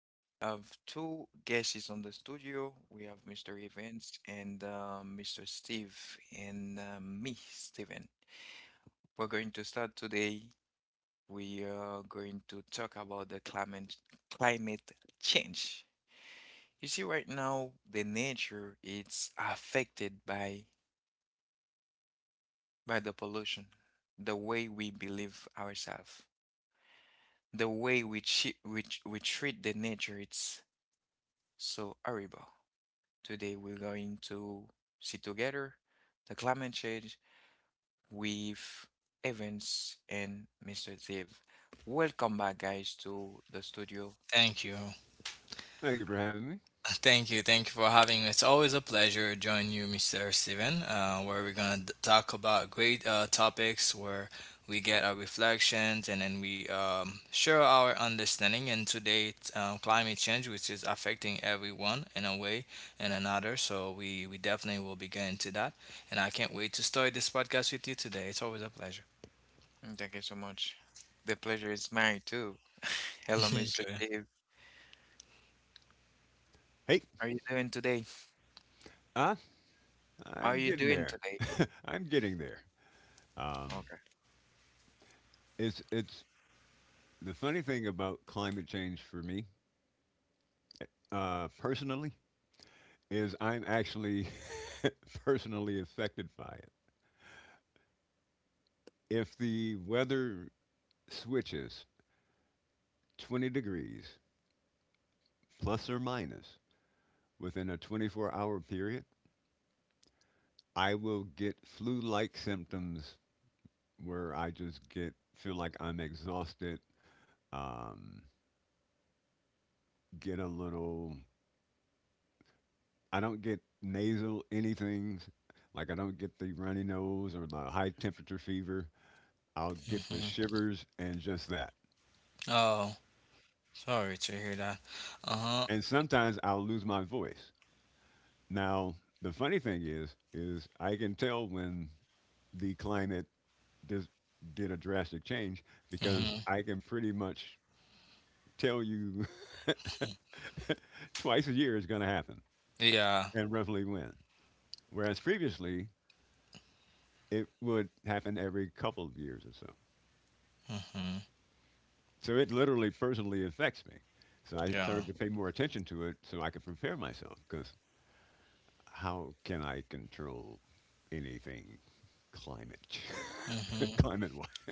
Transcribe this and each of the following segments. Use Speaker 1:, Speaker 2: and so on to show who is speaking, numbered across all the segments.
Speaker 1: We have two guests on the studio. We have Mr. Evans and Mr. Steve and me, Steven. We're going to start today. We are going to talk about the climate change. You see, right now, the nature is affected by the pollution, the way we believe ourselves, the way we treat the nature. It's so horrible. Today we're going to see together the climate change with Evans and Mr. Ziv. Welcome back, guys, to the studio.
Speaker 2: Thank you.
Speaker 3: Thank you for having me.
Speaker 2: Thank you. Thank you for having me. It's always a pleasure to join you, Mr. Steven, where we're going to talk about great topics where we get our reflections, and then we share our understanding. And today, climate change, which is affecting everyone in a way and another. So we definitely will be getting to that. And I can't wait to start this podcast with you today. It's always a pleasure.
Speaker 1: Mm, thank you so much. The pleasure is mine too. Hello, Mr.
Speaker 2: Okay.
Speaker 1: Ziv.
Speaker 3: Hey,
Speaker 1: How are you doing today?
Speaker 3: Uh,
Speaker 1: How
Speaker 3: I'm
Speaker 1: are you
Speaker 3: getting
Speaker 1: doing
Speaker 3: there.
Speaker 1: today?
Speaker 3: I'm getting there. Um,
Speaker 1: Okay.
Speaker 3: it's the funny thing about climate change for me, personally, is I'm actually personally affected by it. If the weather switches 20 degrees, plus or minus, within a 24-hour period, I will get flu like symptoms where I just get feel like I'm exhausted, um, get a little I don't get nasal anythings. Like I don't get the runny nose or the high temperature fever. I'll get the
Speaker 2: Hmm.
Speaker 3: shivers and just that.
Speaker 2: Oh, sorry to hear that. Uh-huh.
Speaker 3: And sometimes I'll lose my voice. Now, the funny thing is I can tell when the climate dis- did a drastic change because
Speaker 2: Hmm.
Speaker 3: I can pretty much tell you twice a year is going to happen
Speaker 2: Yeah.
Speaker 3: and roughly when. Whereas previously it would happen every couple of years or so.
Speaker 2: Mm-hmm.
Speaker 3: So it literally personally affects me. So I
Speaker 2: Yeah.
Speaker 3: started to pay more attention to it so I could prepare myself because how can I control anything climate
Speaker 2: Hmm.
Speaker 3: climate wise?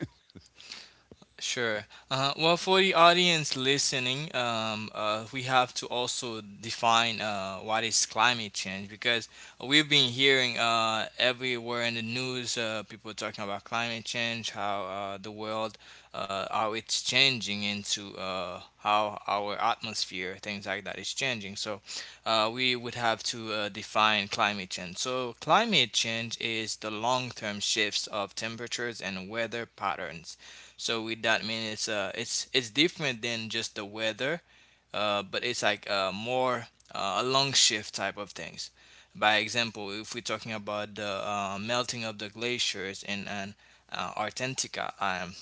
Speaker 2: Sure. Well, for the audience listening, we have to also define what is climate change, because we've been hearing everywhere in the news people talking about climate change, how the world, how it's changing into how our atmosphere, things like that, is changing. So we would have to define climate change. So climate change is the long-term shifts of temperatures and weather patterns. So with that, I mean, it's different than just the weather, but it's like more a long shift type of things. By example, if we're talking about the melting of the glaciers in, Antarctica,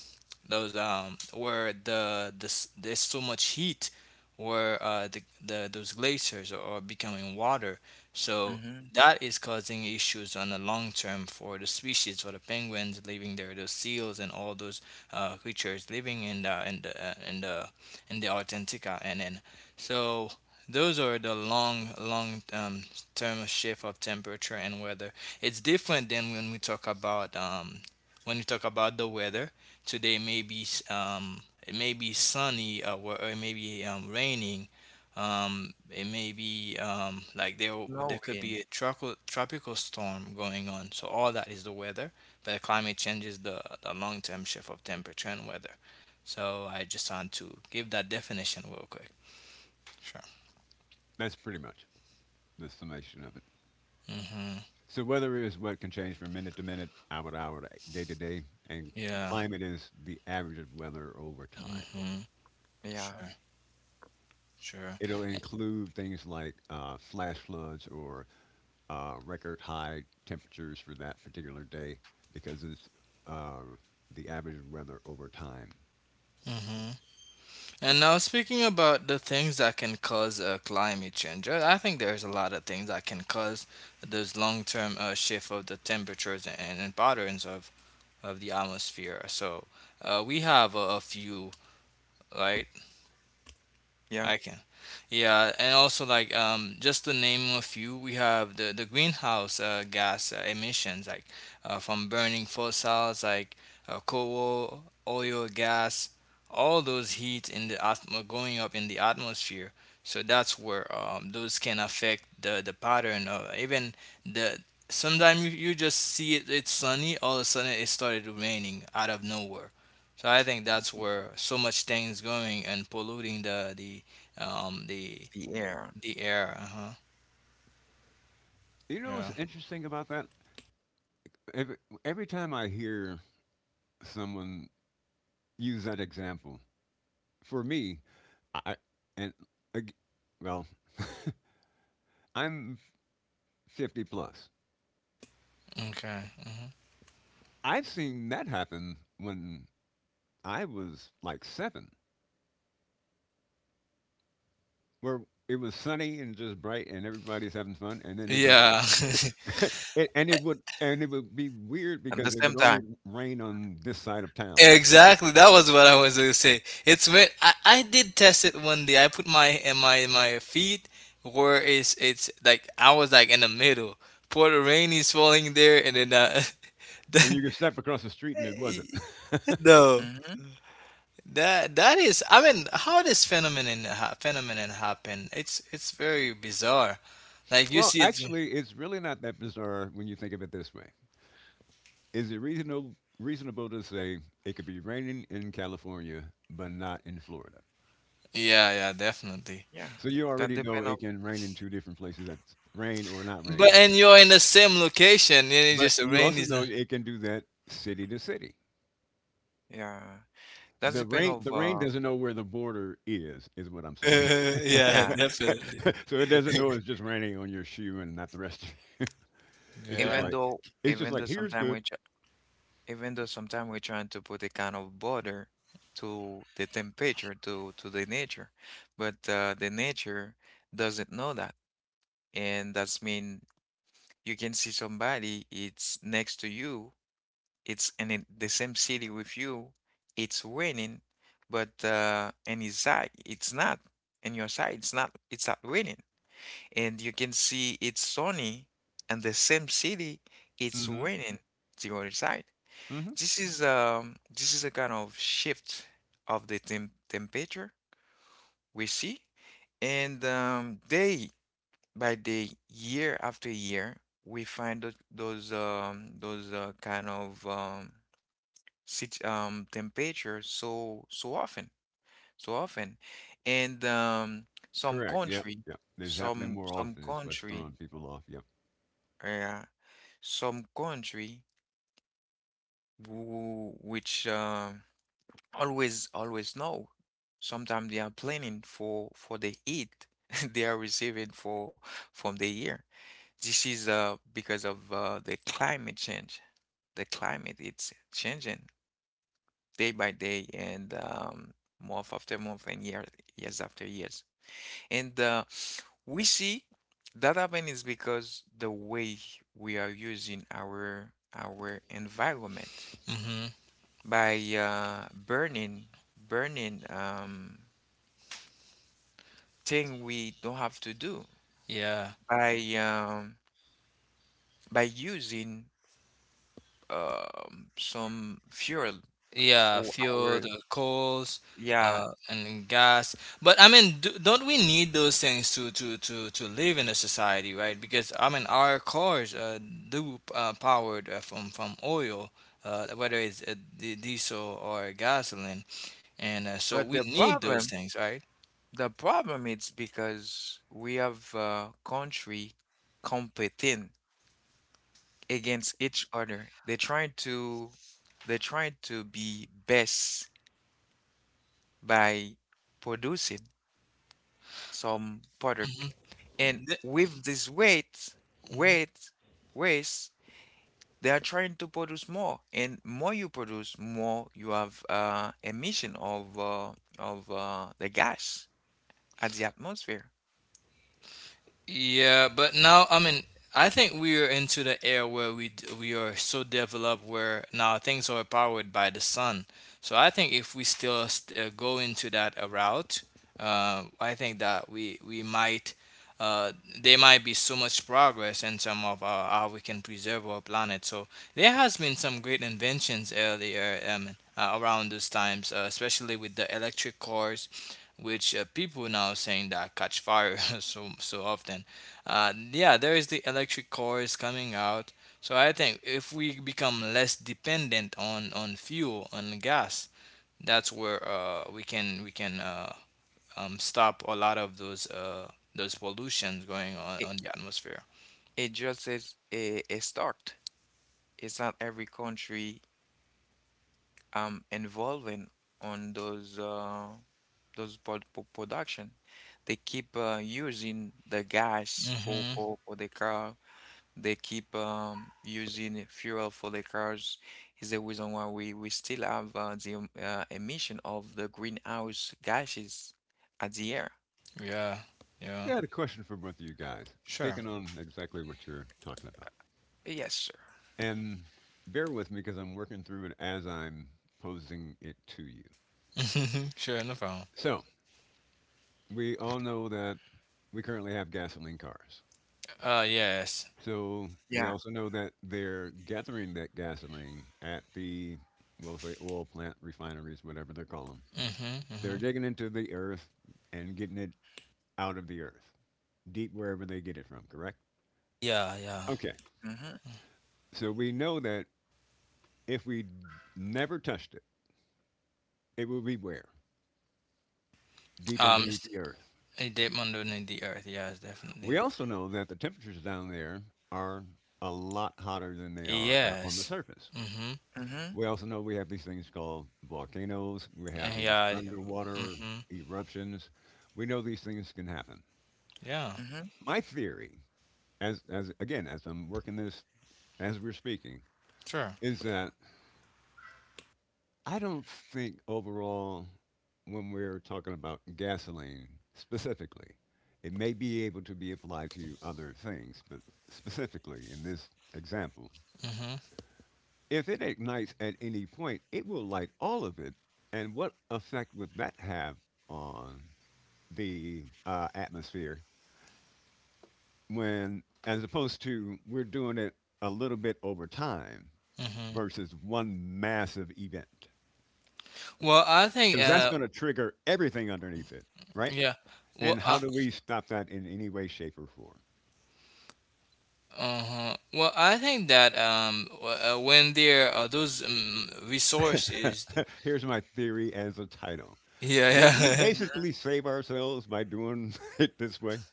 Speaker 2: those where there's so much heat where the those glaciers are becoming water, so
Speaker 1: Mm-hmm.
Speaker 2: that is causing issues on the long term for the species, for the penguins living there, the seals, and all those creatures living in the Antarctica and then, so those are the long term shift of temperature and weather. It's different than when we talk about when you talk about the weather. Today may be it may be sunny, or it may be raining. It may be like there could
Speaker 1: Snowing.
Speaker 2: be a tropical storm going on. So all that is the weather, but climate change is the long term shift of temperature and weather. So I just want to give that definition real quick. Sure.
Speaker 3: That's pretty much the summation of it.
Speaker 2: Mhm.
Speaker 3: So weather is what can change from minute to minute, hour to hour, to day, and
Speaker 2: Yeah.
Speaker 3: climate is the average of weather over time.
Speaker 2: Mhm.
Speaker 1: Yeah.
Speaker 2: Sure. Sure.
Speaker 3: It'll
Speaker 2: Eh,
Speaker 3: include things like flash floods or record high temperatures for that particular day because it's uh, the average weather over time.
Speaker 2: mm-hmm. And now, speaking about the things that can cause climate change, I think there's a lot of things that can cause those long-term shift of the temperatures and patterns of the atmosphere. So we have a few, right?
Speaker 1: Yeah.
Speaker 2: I can. Yeah, and also like, just to name a few, we have the greenhouse gas emissions, like from burning fossils, like coal, oil, gas, all those heat in the atmo going up in the atmosphere. So that's where those can affect the pattern of even the. Sometimes you, you just see it, it's sunny, all of a sudden it started raining out of nowhere. So I think that's where so much things going and polluting um the
Speaker 1: The air.
Speaker 2: the air. Uh-huh.
Speaker 3: You know what's
Speaker 2: Yeah.
Speaker 3: interesting about that? Every, every time I hear someone use that example, for me, I and ag- well, I'm 50 plus.
Speaker 2: Okay. Uh-huh.
Speaker 3: I've seen that happen when I was like seven, where it was sunny and just bright, and everybody's having fun, and then it just
Speaker 2: Yeah.
Speaker 3: It, and it would and it
Speaker 1: At the
Speaker 3: would be
Speaker 1: same time.
Speaker 3: weird because it would only rain on this side of town,
Speaker 2: Exactly, that was what I was gonna say. It's when I did test it one day, I put my in my my feet where it's like I was like in the middle, pour the rain is falling there, and then
Speaker 3: and you could step across the street and it wasn't.
Speaker 1: Mm-hmm.
Speaker 2: no, that is. I mean, how this phenomenon happened? It's very bizarre, like, you
Speaker 3: Well,
Speaker 2: see it's
Speaker 3: actually, it's really not that bizarre when you think of it this way. Is it reasonable to say it could be raining in California but not in Florida?
Speaker 2: yeah, yeah, definitely.
Speaker 1: Yeah.
Speaker 3: So you
Speaker 1: That
Speaker 3: already
Speaker 1: depend
Speaker 3: know
Speaker 1: of.
Speaker 3: it can rain in two different places. That's rain or not
Speaker 2: But
Speaker 3: rain.
Speaker 2: and you're in the same location, and it
Speaker 3: But
Speaker 2: just
Speaker 3: you
Speaker 2: rain
Speaker 3: also
Speaker 2: is
Speaker 3: know
Speaker 2: not.
Speaker 3: it can do that city to city.
Speaker 1: Yeah. That
Speaker 3: The
Speaker 1: depend
Speaker 3: rain
Speaker 1: of
Speaker 3: the rain doesn't know where the border is what I'm saying.
Speaker 2: Yeah,
Speaker 1: yeah.
Speaker 2: definitely.
Speaker 3: So it doesn't know it's just raining on your shoe and not the rest of you. It's just
Speaker 2: Yeah.
Speaker 1: Even
Speaker 3: like
Speaker 1: though
Speaker 3: it's just
Speaker 1: even
Speaker 3: like
Speaker 1: though
Speaker 3: here's
Speaker 1: sometimes
Speaker 3: good.
Speaker 1: we even though sometimes we're trying to put a kind of border to the temperature, to the nature, but the nature doesn't know that, and that's mean you can see somebody it's next to you, it's in the same city with you, it's raining, but in his side it's not, in your side it's not raining, and you can see it's sunny, and the same city
Speaker 3: Mm
Speaker 1: it's
Speaker 3: hmm.
Speaker 1: raining to your side.
Speaker 3: Mm hmm.
Speaker 1: This is a kind of shift of the temperature we see, and day by day, year after year, we find those kind of sit temperature so often, so often, and some
Speaker 3: Correct. Yep.
Speaker 1: country,
Speaker 3: Yep. It's happening
Speaker 1: some
Speaker 3: more
Speaker 1: some
Speaker 3: often. It's what's throwing
Speaker 1: country,
Speaker 3: people off. Yep.
Speaker 1: uh, some country who, which always, always no. Sometimes they are planning for the aid they are receiving for from the year. This is because of the climate change. The climate it's changing day by day and month after month and years after years. And we see that happen is because the way we are using our environment
Speaker 2: Hmm.
Speaker 1: by burning thing we don't have to do
Speaker 2: Yeah.
Speaker 1: by um, by using some fuel
Speaker 2: Yeah,
Speaker 1: for
Speaker 2: fuel,
Speaker 1: our.
Speaker 2: the coals,
Speaker 1: Yeah.
Speaker 2: and then gas. But I mean, do, don't we need those things to live in a society, right? Because I mean, our cars do powered from oil, whether it's diesel or gasoline, and so
Speaker 1: But
Speaker 2: we
Speaker 1: the
Speaker 2: need those
Speaker 1: problem,
Speaker 2: things, right?
Speaker 1: the problem is because we have country competing against each other. They're trying to be best by producing some product, and with this
Speaker 2: Hmm.
Speaker 1: weight, waste. They are trying to produce more, and more you produce, more you have emission of the gas at the atmosphere.
Speaker 2: Yeah, but now, I mean, I think we are into the era where we are so developed where now things are powered by the sun. So I think if we still go into that route, I think that we might uh, there might be so much progress in terms of how we can preserve our planet. So there has been some great inventions earlier, around those times, especially with the electric cars, which people now saying that catch fire so often. Yeah, there is the electric cars coming out. So I think if we become less dependent on fuel, on gas, that's where we can stop a lot of those pollutions going on
Speaker 1: It,
Speaker 2: on the atmosphere.
Speaker 1: it just is a start. It's not every country involving on those production. They keep using the gas for,
Speaker 2: Mm-hmm.
Speaker 1: for for the car. They keep using fuel for the cars is the reason why we still have the emission of the greenhouse gases at the air.
Speaker 2: Yeah.
Speaker 3: I
Speaker 2: Yeah.
Speaker 3: got a question for both of you guys.
Speaker 2: Sure.
Speaker 3: Speaking on exactly what you're talking about,
Speaker 1: Yes, sir.
Speaker 3: and bear with me because I'm working through it as I'm posing it to you.
Speaker 2: Sure, no problem.
Speaker 3: So we all know that we currently have gasoline cars.
Speaker 2: Uh, yes.
Speaker 1: Yeah.
Speaker 3: So we also know that they're gathering that gasoline at the, we'll say, oil plant refineries, whatever they call them.
Speaker 2: Mm-hmm. Mm-hmm.
Speaker 3: They're digging into the earth and getting it out of the earth, deep wherever they get it from, correct?
Speaker 2: Yeah. Yeah.
Speaker 3: Okay.
Speaker 1: Mm-hmm.
Speaker 3: So we know that if we never touched it, it would be where? Deep
Speaker 2: Um,
Speaker 3: underneath the earth.
Speaker 2: a deep underneath the earth. Yes, definitely.
Speaker 3: We also know that the temperatures down there are a lot hotter than they are at, on the
Speaker 2: Yes.
Speaker 3: surface.
Speaker 2: Mhm.
Speaker 1: Mm-hmm.
Speaker 3: We also know we have these things called volcanoes. We have these
Speaker 2: Yeah.
Speaker 3: underwater
Speaker 2: Mhm.
Speaker 3: eruptions. We know these things can happen.
Speaker 2: Yeah.
Speaker 1: Mm-hmm.
Speaker 3: My theory, as I'm working this as we're speaking,
Speaker 2: Sure.
Speaker 3: is that I don't think overall when we're talking about gasoline specifically, it may be able to be applied to other things, but specifically in this example,
Speaker 2: Mhm.
Speaker 3: if it ignites at any point, it will light all of it. And what effect would that have on the atmosphere when, as opposed to, we're doing it a little bit over time
Speaker 2: Mhm.
Speaker 3: versus one massive event?
Speaker 2: Well, I think.
Speaker 3: Because that's going to trigger everything underneath it, right?
Speaker 2: Yeah. Well.
Speaker 3: And how do we stop that in any way, shape, or
Speaker 2: Uh-huh. Well, I think that when there are those
Speaker 3: form?
Speaker 2: resources.
Speaker 3: Here's my theory as a title.
Speaker 2: Yeah.
Speaker 3: Did we
Speaker 2: Yeah.
Speaker 3: basically save ourselves by doing it this way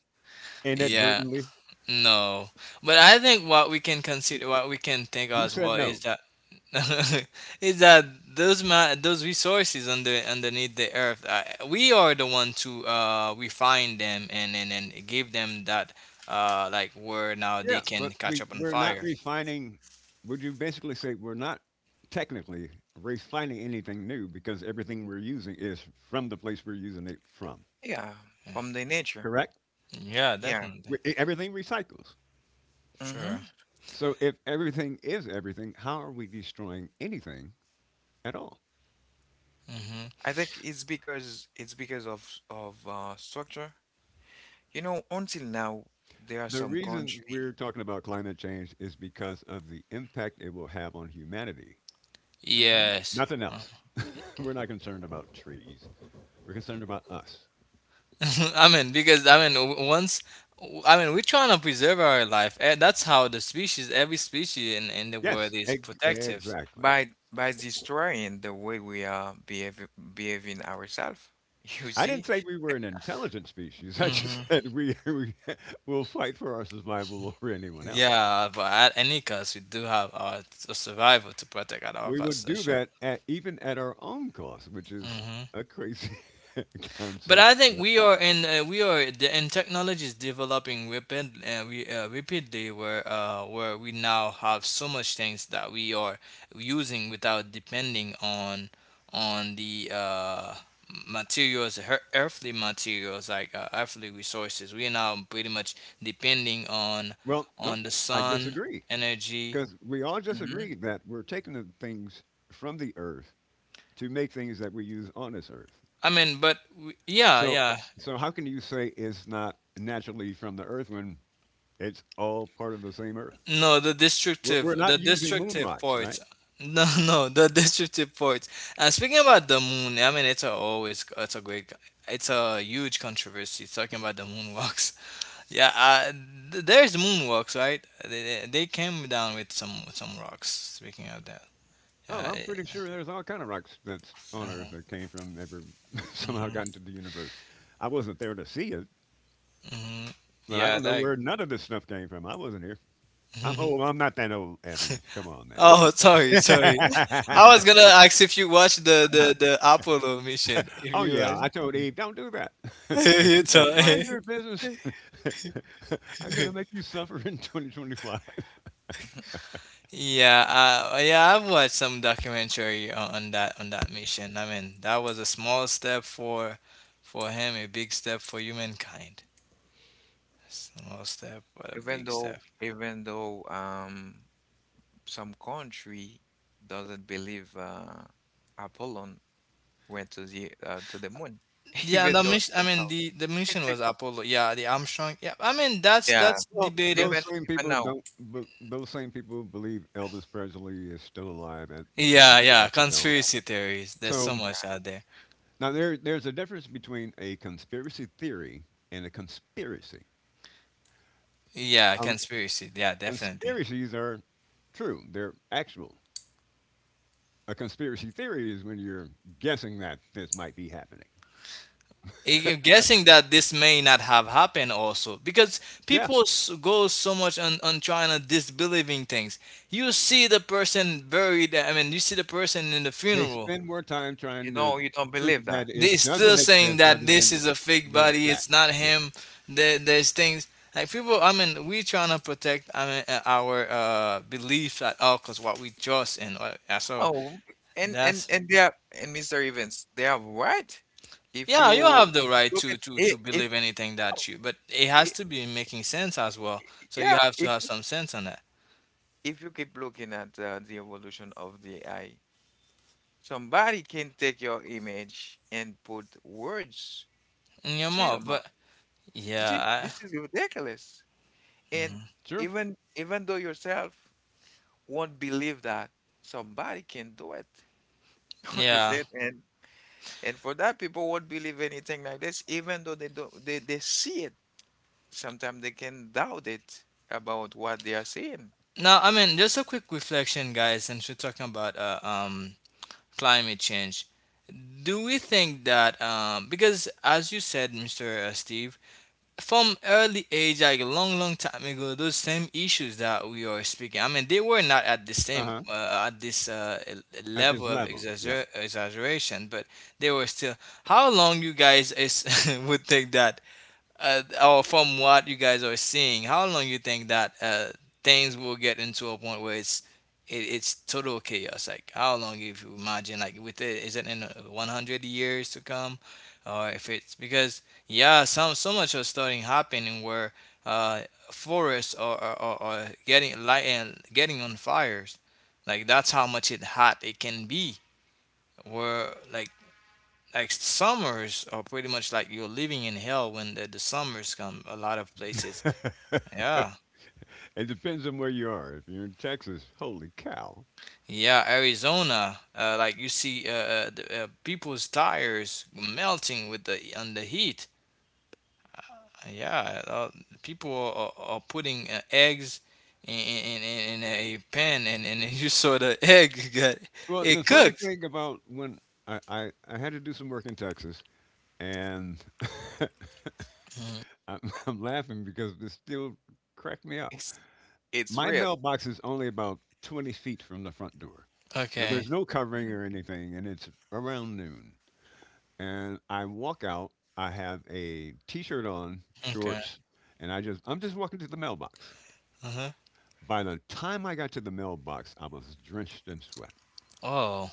Speaker 2: Yeah.
Speaker 3: inadvertently?
Speaker 2: No, but I think what we can consider, what we can think
Speaker 3: Who
Speaker 2: as
Speaker 3: said
Speaker 2: well, is
Speaker 3: no?
Speaker 2: that is that those resources under underneath the earth, we are the one to refine them, and give them that like where now
Speaker 3: Yeah,
Speaker 2: they can
Speaker 3: but
Speaker 2: catch
Speaker 3: we
Speaker 2: up on
Speaker 3: we're not
Speaker 2: fire.
Speaker 3: refining. Would you basically say we're not technically refining anything new because everything we're using is from the place we're using it from?
Speaker 1: Yeah, from the nature.
Speaker 3: Correct.
Speaker 2: Yeah,
Speaker 1: Yeah.
Speaker 2: definitely.
Speaker 3: Everything recycles.
Speaker 2: Sure.
Speaker 1: Mm-hmm.
Speaker 3: So if everything is everything, how are we destroying anything at all?
Speaker 2: Hmm.
Speaker 1: I think it's because of structure. You know, until now, there are
Speaker 3: The
Speaker 1: some
Speaker 3: reason we're
Speaker 1: country
Speaker 3: talking about climate change is because of the impact it will have on humanity.
Speaker 1: hmm
Speaker 2: Yes.
Speaker 3: Nothing else. We're not concerned about trees. We're concerned about us.
Speaker 2: I mean, because I mean, once I mean, we're trying to preserve our life. Eh, that's how the species, every species in the
Speaker 3: Yes,
Speaker 2: world, is protective.
Speaker 3: exactly.
Speaker 1: by destroying the way we are behaving ourselves. You
Speaker 3: I
Speaker 1: see.
Speaker 3: didn't say we were an intelligent species. I
Speaker 2: Hmm.
Speaker 3: just said we, we will fight for our survival over anyone else.
Speaker 2: Yeah, but at any cost, we do have our survival to protect at all
Speaker 3: We
Speaker 2: costs,
Speaker 3: would
Speaker 2: for
Speaker 3: do
Speaker 2: sure.
Speaker 3: that at, even at our own cost, which is
Speaker 2: Hmm.
Speaker 3: a crazy
Speaker 2: But
Speaker 3: concept.
Speaker 2: I think
Speaker 3: But,
Speaker 2: we are in we are the and technology is developing rapidly where we now have so much things that we are using without depending on the materials earthly materials, like earthly resources. We are now pretty much depending
Speaker 3: well, no,
Speaker 2: on the
Speaker 3: I
Speaker 2: sun
Speaker 3: disagree
Speaker 2: energy.
Speaker 3: because we all just
Speaker 1: Mhm.
Speaker 3: agree that we're taking the things from the earth to make things that we use on this earth.
Speaker 2: I mean, but yeah,
Speaker 3: So, uh,
Speaker 2: yeah.
Speaker 3: so how can you say it's not naturally from the earth when it's all part of the same earth?
Speaker 2: No,
Speaker 3: We're, we're
Speaker 2: the
Speaker 3: not using moon
Speaker 2: destructive
Speaker 3: rocks, right?
Speaker 2: parts. No. No, the destructive parts. And speaking about the moon, I mean, it's a always, it's a great, it's a huge controversy talking about the moonwalks. Yeah, there's moonwalks, right? They came down with some rocks. Speaking of that,
Speaker 3: Oh,
Speaker 2: uh,
Speaker 3: I'm pretty sure there's all kind of rocks that's on Earth
Speaker 2: uh,
Speaker 3: that came from ever somehow
Speaker 2: hmm.
Speaker 3: got into the universe. I wasn't there to see it,
Speaker 2: Hmm.
Speaker 3: but I
Speaker 2: Yeah,
Speaker 3: don't know
Speaker 2: that.
Speaker 3: where none of this stuff came from. I wasn't here. I'm old. I'm not that old, Evans. Come on,
Speaker 2: Oh, sorry, sorry.
Speaker 3: man.
Speaker 2: I was gonna ask if you watched the Apollo mission. If
Speaker 3: Oh
Speaker 2: you
Speaker 3: yeah,
Speaker 2: watch,
Speaker 3: I told Eve, don't do that, and
Speaker 2: you
Speaker 3: she said,
Speaker 2: told.
Speaker 3: mind your business. I'm gonna make you suffer in 2025.
Speaker 2: Yeah, yeah, I've watched some documentary on, on that mission. I mean, that was a small step for him, a big step for humankind. Small step, but a
Speaker 1: Even
Speaker 2: big
Speaker 1: though
Speaker 2: step.
Speaker 1: even though um some country doesn't believe Apollo went to the moon.
Speaker 2: Yeah,
Speaker 1: Even
Speaker 2: the
Speaker 1: though
Speaker 2: mission. I
Speaker 1: you
Speaker 2: mean, the mission
Speaker 1: know.
Speaker 2: was Apollo, yeah, the Armstrong. Yeah, I mean, that's
Speaker 1: Yeah,
Speaker 2: that's
Speaker 3: Well,
Speaker 2: debatable.
Speaker 3: those
Speaker 1: even
Speaker 3: same
Speaker 1: even
Speaker 3: people
Speaker 1: now,
Speaker 3: don't. Those same people believe Elvis Presley is still alive at
Speaker 2: Yeah,
Speaker 3: some
Speaker 2: yeah,
Speaker 3: Taco Bell.
Speaker 2: conspiracy theories. There's so
Speaker 3: So
Speaker 2: much
Speaker 1: yeah,
Speaker 2: out there.
Speaker 3: now there there's a difference between a conspiracy theory and a conspiracy.
Speaker 2: Yeah,
Speaker 3: Um,
Speaker 2: conspiracy. Yeah, definitely.
Speaker 3: conspiracies are true; they're actual. A conspiracy theory is when you're guessing that this might be happening.
Speaker 2: I- I'm guessing that this may not have happened also because
Speaker 3: Yeah,
Speaker 2: people go so much on trying to disbelieving things. You see the person buried, I mean, you see the person in the
Speaker 3: they
Speaker 2: funeral.
Speaker 3: spend more time trying to
Speaker 1: you don't
Speaker 3: prove
Speaker 1: believe that.
Speaker 3: that
Speaker 2: They're
Speaker 3: it
Speaker 2: still
Speaker 3: doesn't
Speaker 2: saying
Speaker 3: exist
Speaker 2: that
Speaker 3: rather
Speaker 2: this
Speaker 3: than
Speaker 2: is a fake
Speaker 3: the
Speaker 2: body,
Speaker 3: facts.
Speaker 2: it's not
Speaker 3: Yeah,
Speaker 2: him. There, there's things like, people, I mean, we're trying to protect, I mean, our beliefs at all because what we trust in. Yeah, so
Speaker 1: Oh, and and
Speaker 2: that's.
Speaker 1: and they are and Mr. Evans, they are right. If
Speaker 2: Yeah, you
Speaker 1: you
Speaker 2: have the right
Speaker 1: look
Speaker 2: to
Speaker 1: at
Speaker 2: to to
Speaker 1: it, if
Speaker 2: believe anything
Speaker 1: oh,
Speaker 2: that you, but it has
Speaker 1: I-
Speaker 2: to be making sense as well. So you
Speaker 1: yeah,
Speaker 2: have to
Speaker 1: if
Speaker 2: have some sense on that
Speaker 1: if you keep looking at the evolution of the AI, somebody can take your image and put words
Speaker 2: in your
Speaker 1: to your
Speaker 2: mouth.
Speaker 1: mouth.
Speaker 2: But
Speaker 1: This is
Speaker 2: yeah, I,
Speaker 1: this is ridiculous. And
Speaker 3: sure.
Speaker 1: even though yourself won't believe that somebody can do it,
Speaker 2: yeah.
Speaker 1: understand? And for that, people would believe anything like this, even though they don't, they see it. Sometimes they can doubt it about what they are seeing.
Speaker 2: Now, I mean, just a quick reflection, guys, since we're talking about climate change. Do we think that because, as you said, Mr. Steve, from early age, like a long, long time ago, those same issues that we are speaking. I mean, they were not at the
Speaker 3: Uh
Speaker 2: same
Speaker 3: huh.
Speaker 2: at this
Speaker 3: At this
Speaker 2: level of
Speaker 3: level, yeah.
Speaker 2: exaggeration, but they were still. How long you guys is would take that or, from what you guys are seeing, how long you think that things will get into a point where it's it's total chaos? Like, how long if you imagine, like, with it is it in 100 years to come, or if it's because, yeah, some, so much are starting happening where uh, forests are getting light and getting on fires, like that's how much it hot it can be. Where, like summers are pretty much like you're living in hell when the summers come a lot of places.
Speaker 3: It
Speaker 2: Yeah.
Speaker 3: depends on where you are. If you're in Texas, holy cow.
Speaker 2: Yeah, Arizona, like you see people's tires melting with the on the heat. Yeah, people are putting eggs in, in a pan, and you saw the egg got
Speaker 3: Well, the
Speaker 2: it
Speaker 3: funny
Speaker 2: cooked.
Speaker 3: thing about when I had to do some work in Texas, and
Speaker 2: Mm.
Speaker 3: I'm, I'm laughing because this still cracked me up.
Speaker 1: It's it's
Speaker 3: My
Speaker 1: real.
Speaker 3: mailbox is only about 20 feet from the front door. Now,
Speaker 2: Okay.
Speaker 3: there's no covering
Speaker 1: Mm.
Speaker 3: or anything, and it's around noon. And I walk out, I have a t shirt on,
Speaker 2: Okay.
Speaker 3: shorts, and I'm just walking to the mailbox.
Speaker 2: Uh-huh.
Speaker 3: By the time I got to the mailbox, I was drenched in sweat
Speaker 2: Oh.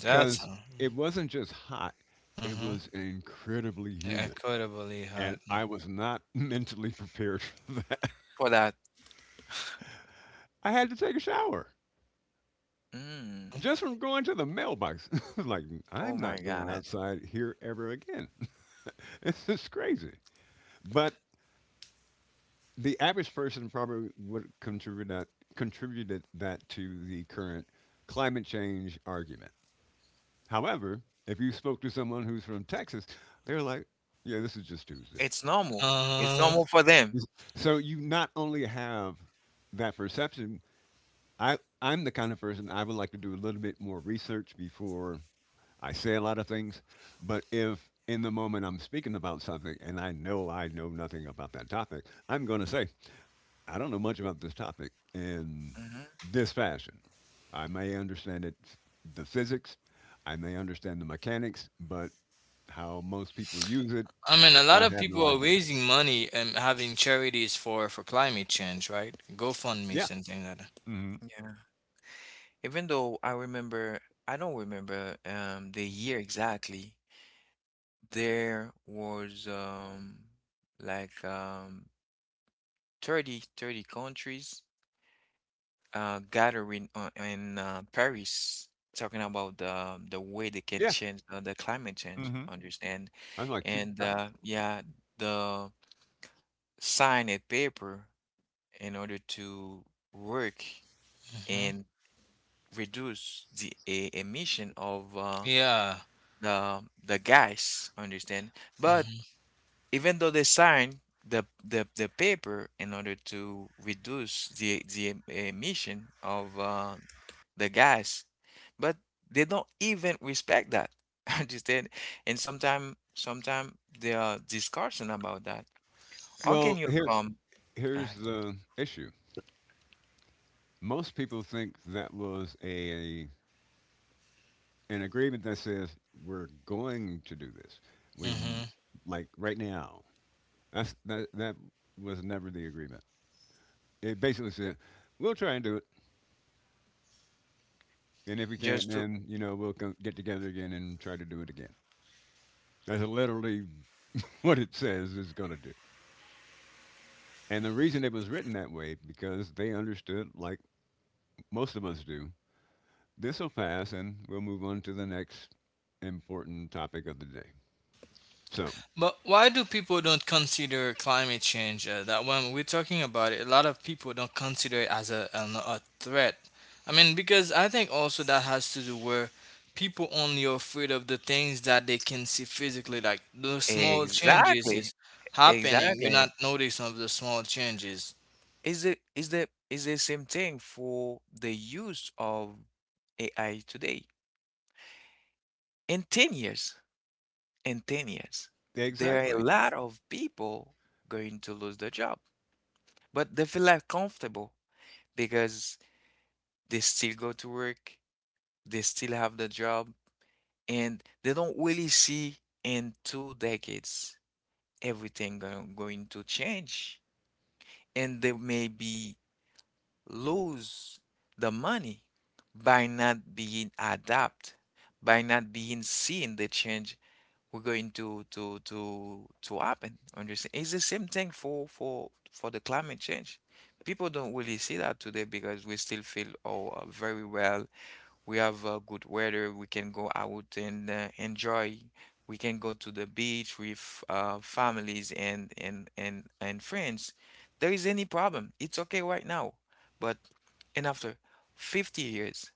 Speaker 2: That's.
Speaker 3: it wasn't just hot, it
Speaker 2: Mm-hmm.
Speaker 3: was incredibly
Speaker 2: Yeah,
Speaker 3: humid.
Speaker 2: incredibly
Speaker 3: And
Speaker 2: hot.
Speaker 3: I was not mentally prepared for
Speaker 1: For that.
Speaker 3: I had to take a shower
Speaker 1: Mm.
Speaker 3: just from going to the mailbox. I was like,
Speaker 1: Oh
Speaker 3: I'm not
Speaker 1: my
Speaker 3: going
Speaker 1: God.
Speaker 3: outside here ever again. This is crazy. But the average person probably would contributed that to the current climate change argument. However, if you spoke to someone who's from Texas, they're like, yeah, this is just Tuesday.
Speaker 1: It's normal. It's
Speaker 2: uh
Speaker 1: normal for them.
Speaker 3: This- So you not only have that perception, I'm the kind of person I would like to do a little bit more research before I say a lot of things, but if in the moment I'm speaking about something and I know nothing about that topic, I'm going to say, I don't know much about this topic in
Speaker 1: Hmm.
Speaker 3: this fashion. I may understand it, the physics, I may understand the mechanics, but how most people use it,
Speaker 2: I mean, a lot
Speaker 3: I
Speaker 2: of
Speaker 3: have
Speaker 2: people
Speaker 3: no
Speaker 2: are
Speaker 3: idea.
Speaker 2: raising money and having charities for climate change, right?
Speaker 3: Yeah.
Speaker 2: GoFundMe's and things like that.
Speaker 3: Hmm.
Speaker 1: Yeah. Even though I remember, I don't remember the year exactly. There was like thirty countries gathering in Paris, talking about the way they can
Speaker 3: Yeah.
Speaker 1: change the climate change,
Speaker 3: Hmm.
Speaker 1: understand?
Speaker 3: I was like, two.
Speaker 1: And yeah, the sign a paper in order to work
Speaker 2: Hmm.
Speaker 1: and reduce the emission of
Speaker 2: Yeah.
Speaker 1: the the gas, understand? But
Speaker 2: Mm-hmm.
Speaker 1: even though they sign the paper in order to reduce the emission of the gas, but they don't even respect that. Understand? And sometimes there are discussion about that. How can
Speaker 3: Well,
Speaker 1: you come uh,
Speaker 3: here's the issue. Most people think that was a an agreement that says we're going to do this. We
Speaker 2: Mm-hmm.
Speaker 3: m- like right now. That was never the agreement. It basically said we'll try and do it, and if we can't,
Speaker 1: just to.
Speaker 3: then you know we'll go get together again and try to do it again. That's literally what it says it's going to do. And the reason it was written that way because they understood, like most of us do, this will pass, and we'll move on to the next important topic of the day. So
Speaker 2: But why do people don't consider climate change? That when we're talking about it, a lot of people don't consider it as a threat. I mean, because I think also that has to do where people only are afraid of the things that they can see physically, like the small changes
Speaker 1: Exactly,
Speaker 2: is happening. We're
Speaker 1: exactly.
Speaker 2: not noticing of the small changes.
Speaker 1: Is the same thing for the use of AI today? In 10 years, in 10 years, there are a
Speaker 3: exactly,
Speaker 1: lot of people going to lose their job, but they feel like comfortable because they still go to work, they still have the job, and they don't really see in 2 decades everything going to change. And they may be lose the money by not being adapt, by not being seeing the change we're going to happen. Understand? It's the same thing for the climate change. People don't really see that today because we still feel oh, very well we have good weather. We can go out and enjoy. We can go to the beach with families and friends. There is any problem. It's okay right now. But and after 50 years,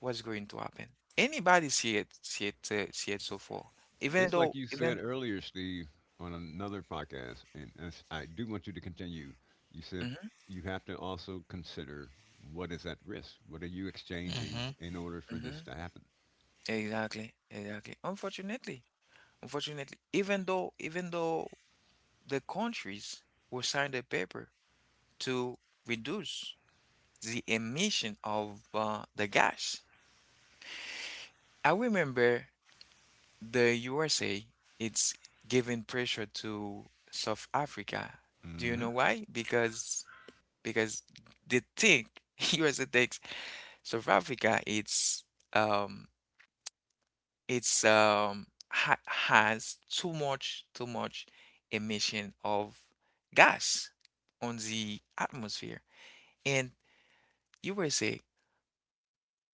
Speaker 1: what's going to happen? Anybody see it so far. Even
Speaker 3: it's like
Speaker 1: though
Speaker 3: you
Speaker 1: even.
Speaker 3: said earlier, Steve, on another podcast, and as I do want you to continue. You said
Speaker 1: Mhm,
Speaker 3: you have to also consider what is at risk. What are you exchanging
Speaker 2: Mhm.
Speaker 3: in order for this
Speaker 1: mhm.
Speaker 3: to happen?
Speaker 1: Exactly, exactly. Unfortunately, even though the countries will sign the paper to reduce the emission of the gas. I remember the USA, it's giving pressure to South Africa. Do you know
Speaker 3: Hmm.
Speaker 1: why? Because they think USA thinks South Africa um it's ha has too much emission of gas on the atmosphere and USA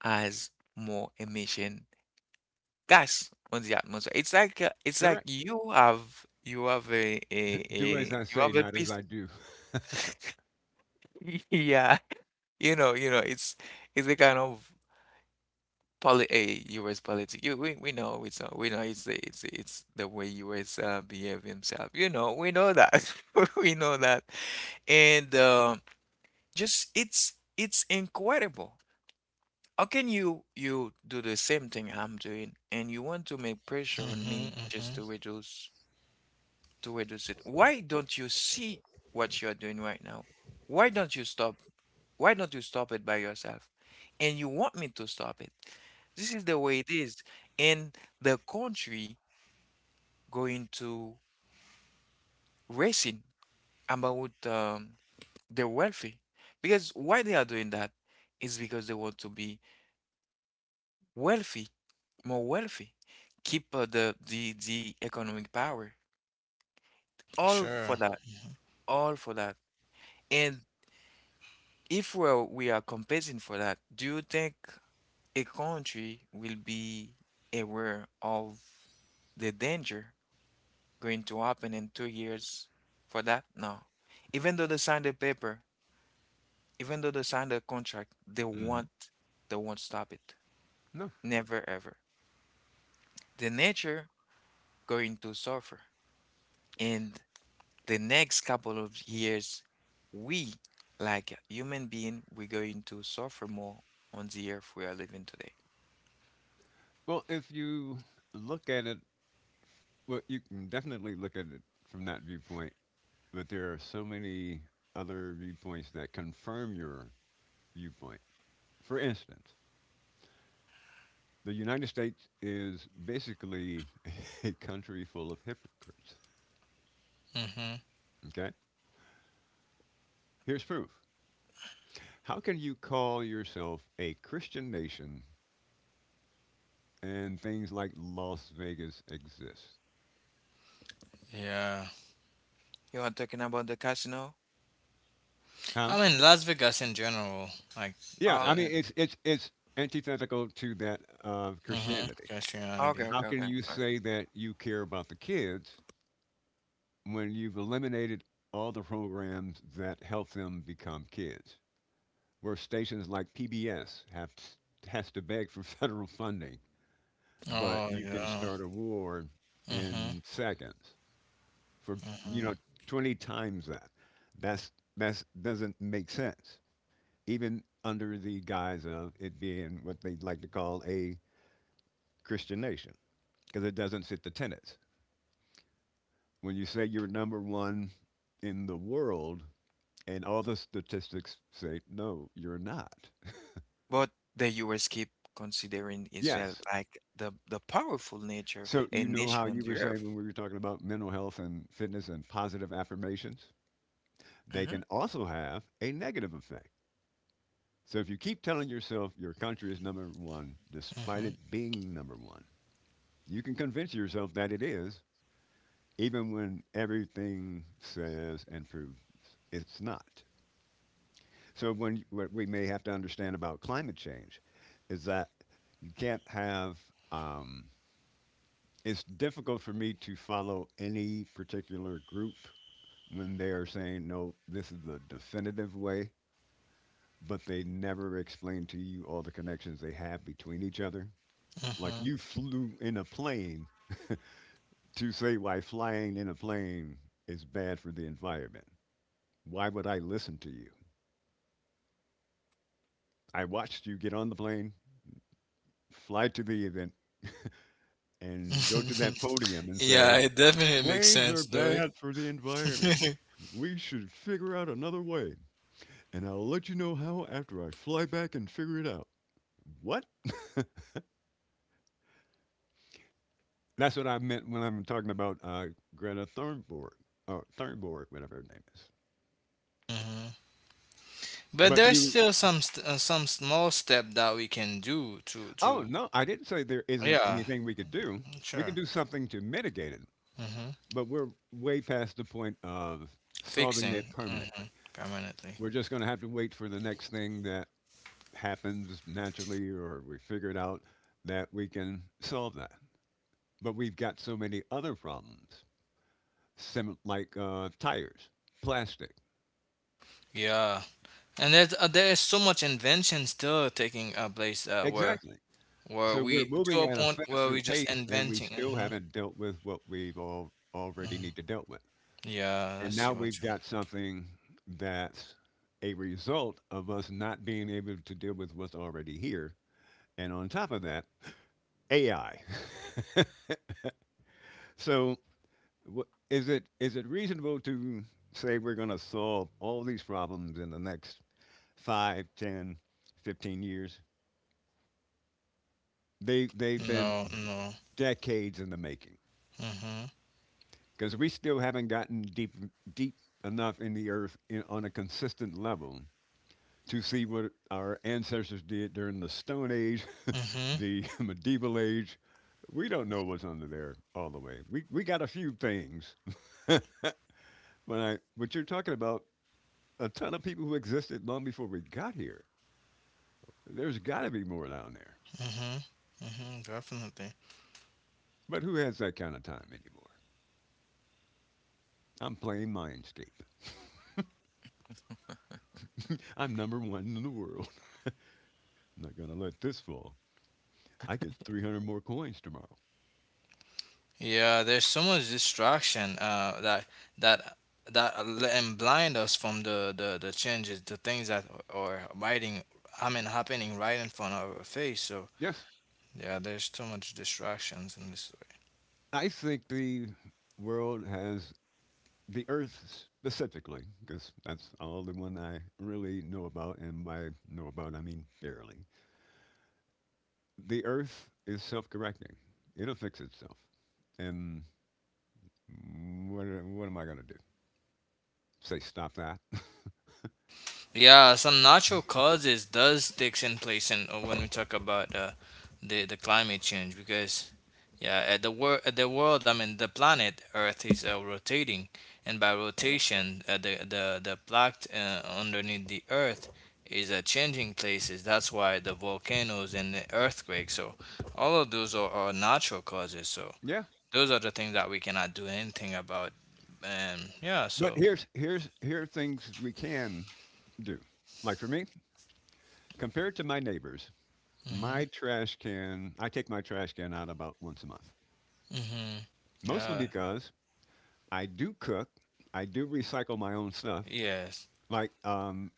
Speaker 1: has more emission gas on the atmosphere. It's like
Speaker 3: Correct.
Speaker 1: you have
Speaker 3: Do as
Speaker 1: a
Speaker 3: I
Speaker 1: you
Speaker 3: say,
Speaker 1: have a
Speaker 3: not as
Speaker 1: piece.
Speaker 3: I do.
Speaker 1: Yeah, you know, it's a kind of poli a US politic. We know it's not, we know it's the way US behave himself. You know, we know that. We know that. And just it's incredible. How can you do the same thing I'm doing and you want to make pressure on
Speaker 2: Mm-hmm,
Speaker 1: me just
Speaker 2: mm-hmm.
Speaker 1: to reduce it. Why don't you see what you're doing right now? Why don't you stop? Why don't you stop it by yourself? And you want me to stop it. This is the way it is. And the country going to racing about the wealthy. Because why they are doing that is because they want to be wealthy, more wealthy, keep the economic power. All
Speaker 2: Sure.
Speaker 1: for that. All for that. And if we are competing for that, do you think a country will be aware of the danger going to happen in 2 years for that? No. Even though they sign the paper, even though they sign the contract,
Speaker 3: Hmm.
Speaker 1: they won't stop it.
Speaker 3: No.
Speaker 1: Never ever. The nature going to suffer. And the next couple of years, we like human being, we're going to suffer more on the earth we are living today.
Speaker 3: Well, if you look at it, well, you can definitely look at it from that viewpoint, but there are so many other viewpoints that confirm your viewpoint. For instance, the United States is basically a country full of hypocrites.
Speaker 2: Mm-hmm.
Speaker 3: Okay? Here's proof. How can you call yourself a Christian nation and things like Las Vegas exist?
Speaker 2: Yeah.
Speaker 1: You are talking about the casino?
Speaker 3: Huh?
Speaker 2: I mean, Las Vegas in general, like
Speaker 3: Yeah,
Speaker 1: Oh,
Speaker 3: I
Speaker 2: the,
Speaker 3: mean
Speaker 1: okay.
Speaker 3: it's it's antithetical to that of
Speaker 2: mm-hmm,
Speaker 3: Christianity.
Speaker 1: Okay,
Speaker 2: Christianity.
Speaker 3: How
Speaker 1: okay,
Speaker 3: can
Speaker 1: okay.
Speaker 3: you
Speaker 1: All right.
Speaker 3: say that you care about the kids when you've eliminated all the programs that help them become kids, where stations like PBS have has to beg for federal funding, but
Speaker 2: Oh,
Speaker 3: you can
Speaker 2: yeah.
Speaker 3: start a war
Speaker 2: Mm-hmm,
Speaker 3: in seconds for you
Speaker 2: mm-hmm,
Speaker 3: know 20 times that? that's that's doesn't make sense even under the guise of it being what they like to call a christian nation, because it doesn't fit the tenets when you say you're number one in the world and all the statistics say no, you're not.
Speaker 1: But the US keep considering Israel
Speaker 3: Yes,
Speaker 1: like the powerful nature
Speaker 3: so
Speaker 1: a
Speaker 3: you know how
Speaker 1: nation on
Speaker 3: you were
Speaker 1: the
Speaker 3: saying
Speaker 1: earth.
Speaker 3: when we were talking about mental health and fitness and positive affirmations, they
Speaker 1: Hmm.
Speaker 3: can also have a negative effect. So if you keep telling yourself your country is number one, despite it being number one, you can convince yourself that it is, even when everything says and proves it's not. So when what we may have to understand about climate change is that you can't have um, it's difficult for me to follow any particular group when they are saying, no, this is the definitive way, but they never explain to you all the connections they have between each other. Like,
Speaker 2: mm-hmm,
Speaker 3: you flew in a plane to say why flying in a plane is bad for the environment. Why would I listen to you? I watched you get on the plane, fly to the event, and go to
Speaker 2: mm-hmm.
Speaker 3: that podium and
Speaker 2: Yeah,
Speaker 3: say,
Speaker 2: it definitely makes
Speaker 3: planes
Speaker 2: sense,
Speaker 3: are
Speaker 2: though.
Speaker 3: bad for the environment.
Speaker 2: It?
Speaker 3: We should figure out another way. And I'll let you know how after I fly back and figure it out. What? That's what I meant when I'm talking about Greta Thunberg, or Thunberg, whatever her name is.
Speaker 2: Hmm. But
Speaker 3: But
Speaker 2: there's
Speaker 3: you,
Speaker 2: still some small step that we can do to
Speaker 3: oh
Speaker 2: to
Speaker 3: no, I didn't say there isn't
Speaker 2: Yeah,
Speaker 3: anything we could do. We could
Speaker 2: sure.
Speaker 3: do something to mitigate it,
Speaker 2: Hmm.
Speaker 3: but we're way past the point of solving it
Speaker 2: Fixing
Speaker 3: permanently.
Speaker 2: permanently.
Speaker 3: We're just going to have to wait for the next thing that happens naturally, or we figure it out that we can solve that. But we've got so many other problems, like tires, plastic.
Speaker 2: Yeah. And there is so much invention still taking place where
Speaker 3: Exactly.
Speaker 2: where
Speaker 3: So we're
Speaker 2: we to
Speaker 3: moving
Speaker 2: a
Speaker 3: at a
Speaker 2: point where
Speaker 3: faster
Speaker 2: we just
Speaker 3: pace, and we
Speaker 2: inventing.
Speaker 3: still
Speaker 2: Hmm.
Speaker 3: haven't dealt with what we've all already
Speaker 2: Hmm.
Speaker 3: need to dealt with.
Speaker 2: Yeah,
Speaker 3: And
Speaker 2: let's
Speaker 3: now
Speaker 2: see
Speaker 3: we've
Speaker 2: what you.
Speaker 3: got something that's a result of us not being able to deal with what's already here. And on top of that, AI. So wh- is it reasonable to say we're going to solve all these problems in the next 5, 10, 15 years? They've been
Speaker 2: No, no.
Speaker 3: decades in the making,
Speaker 2: Mhm.
Speaker 3: because we still haven't gotten deep deep enough in the earth in, on a consistent level to see what our ancestors did during the Stone Age,
Speaker 2: Mhm.
Speaker 3: the medieval age. We don't know what's under there all the way. We got a few things, but I but you're talking about a ton of people who existed long before we got here. There's got to be more down there.
Speaker 2: Mhm. Mhm. Definitely.
Speaker 3: But who has that kind of time anymore? I'm playing Mindscape. I'm number one in the world. I'm not gonna let this fall. I get 300 more coins tomorrow.
Speaker 2: Yeah, there's so much distraction that that that and blind us from the changes, the things that are I mean, happening right in front of our face. So
Speaker 3: Yes,
Speaker 2: yeah, there's too much distractions in this.
Speaker 3: I think the world has the Earth specifically, because that's all the one I really know about, and by know about I mean barely. The Earth is self-correcting; it'll fix itself. And what am I gonna do? Say stop that?
Speaker 2: Yeah, some natural causes does takes in place in when we talk about the climate change because yeah, the world, I mean, the planet Earth is rotating, and by rotation the plaque underneath the Earth is changing places. That's why the volcanoes and the earthquakes. So all of those are natural causes. So
Speaker 3: Yeah,
Speaker 2: those are the things that we cannot do anything about. And yeah,
Speaker 3: but
Speaker 2: so.
Speaker 3: here are things we can do. Like for me, compared to my neighbors,
Speaker 2: Hmm.
Speaker 3: my trash can I take my trash can out about once a month,
Speaker 2: Hmm.
Speaker 3: mostly
Speaker 2: Yeah.
Speaker 3: because I do cook. I do recycle my own stuff,
Speaker 2: Yes.
Speaker 3: like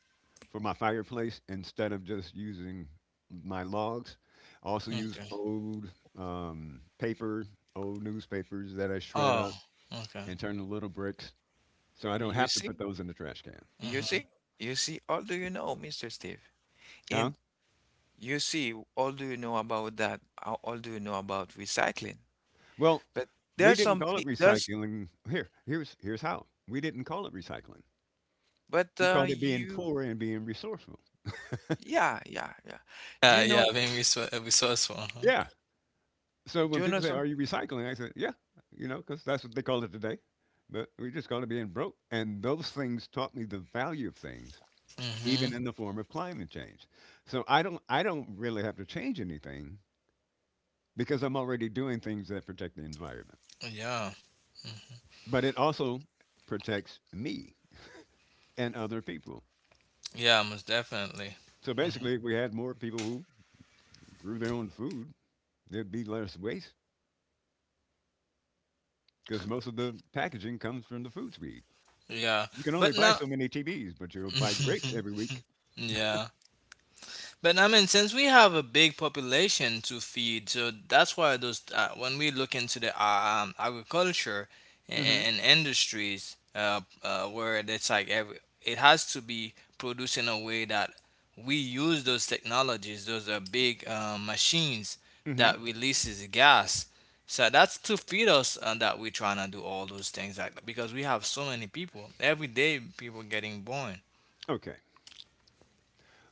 Speaker 3: for my fireplace. Instead of just using my logs, I also use
Speaker 2: Okay.
Speaker 3: old paper, old newspapers that I shred
Speaker 2: Oh,
Speaker 3: up
Speaker 2: okay.
Speaker 3: and turn to little bricks, so I don't
Speaker 1: You
Speaker 3: have to put
Speaker 1: see?
Speaker 3: those in the trash can.
Speaker 1: You
Speaker 2: Mm-hmm.
Speaker 1: see? You see? All do you know, Mr. Steve?
Speaker 3: Huh?
Speaker 1: And you see, all do you know about that? All do you know about recycling?
Speaker 3: Well,
Speaker 1: But
Speaker 3: we
Speaker 1: there's
Speaker 3: didn't
Speaker 1: some
Speaker 3: call
Speaker 1: pe
Speaker 3: it
Speaker 1: there's
Speaker 3: recycling. Here, here's here's how. We didn't call it recycling.
Speaker 1: but
Speaker 3: We called it being
Speaker 1: you
Speaker 3: poor and being resourceful.
Speaker 1: yeah, yeah, yeah. Do you
Speaker 2: Yeah, yeah,
Speaker 1: know
Speaker 2: being resourceful. Uh-huh.
Speaker 3: Yeah, so
Speaker 1: do you
Speaker 3: when
Speaker 1: know
Speaker 3: people say,
Speaker 1: some
Speaker 3: "Are you recycling?" I say, "Yeah," you know, because that's what they call it today. But we just call it being broke. And those things taught me the value of things,
Speaker 2: Mm-hmm.
Speaker 3: even in the form of climate change. So I don't really have to change anything because I'm already doing things that protect the environment.
Speaker 2: Yeah.
Speaker 3: But it also protects me and other people.
Speaker 2: Yeah, most definitely.
Speaker 3: So
Speaker 2: Hmm.
Speaker 3: basically, if we had more people who grew their own food, there'd be less waste because most of the packaging comes from the foods we eat.
Speaker 2: Yeah.
Speaker 3: You can only
Speaker 2: But
Speaker 3: buy
Speaker 2: now,
Speaker 3: so many TVs, but you'll buy grapes every week.
Speaker 2: yeah. But I mean, since we have a big population to feed, so that's why those when we look into the agriculture
Speaker 3: Mm-hmm.
Speaker 2: and industries, where it's like every it has to be produced in a way that we use those technologies, those are big machines
Speaker 3: Mm-hmm.
Speaker 2: that releases gas. So that's to feed us, and that we're trying to do all those things like because we have so many people every day, people getting born.
Speaker 3: Okay.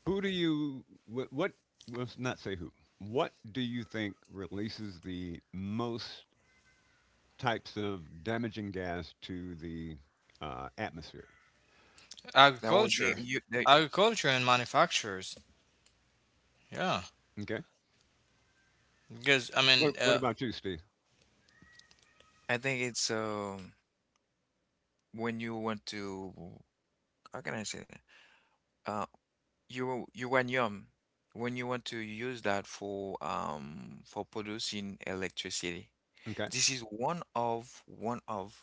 Speaker 3: Who do you what, what? Let's not say who. What do you think releases the most types of damaging gas to the atmosphere?
Speaker 1: that would be
Speaker 2: Agriculture,
Speaker 1: you the.
Speaker 2: agriculture, and manufacturers. Yeah,
Speaker 3: Okay.
Speaker 2: because I mean,
Speaker 3: What about you, Steve?
Speaker 1: I think it's when you want to. How can I say that? Uh, you you when you, when you want to use that for producing electricity.
Speaker 3: Okay.
Speaker 1: This is one of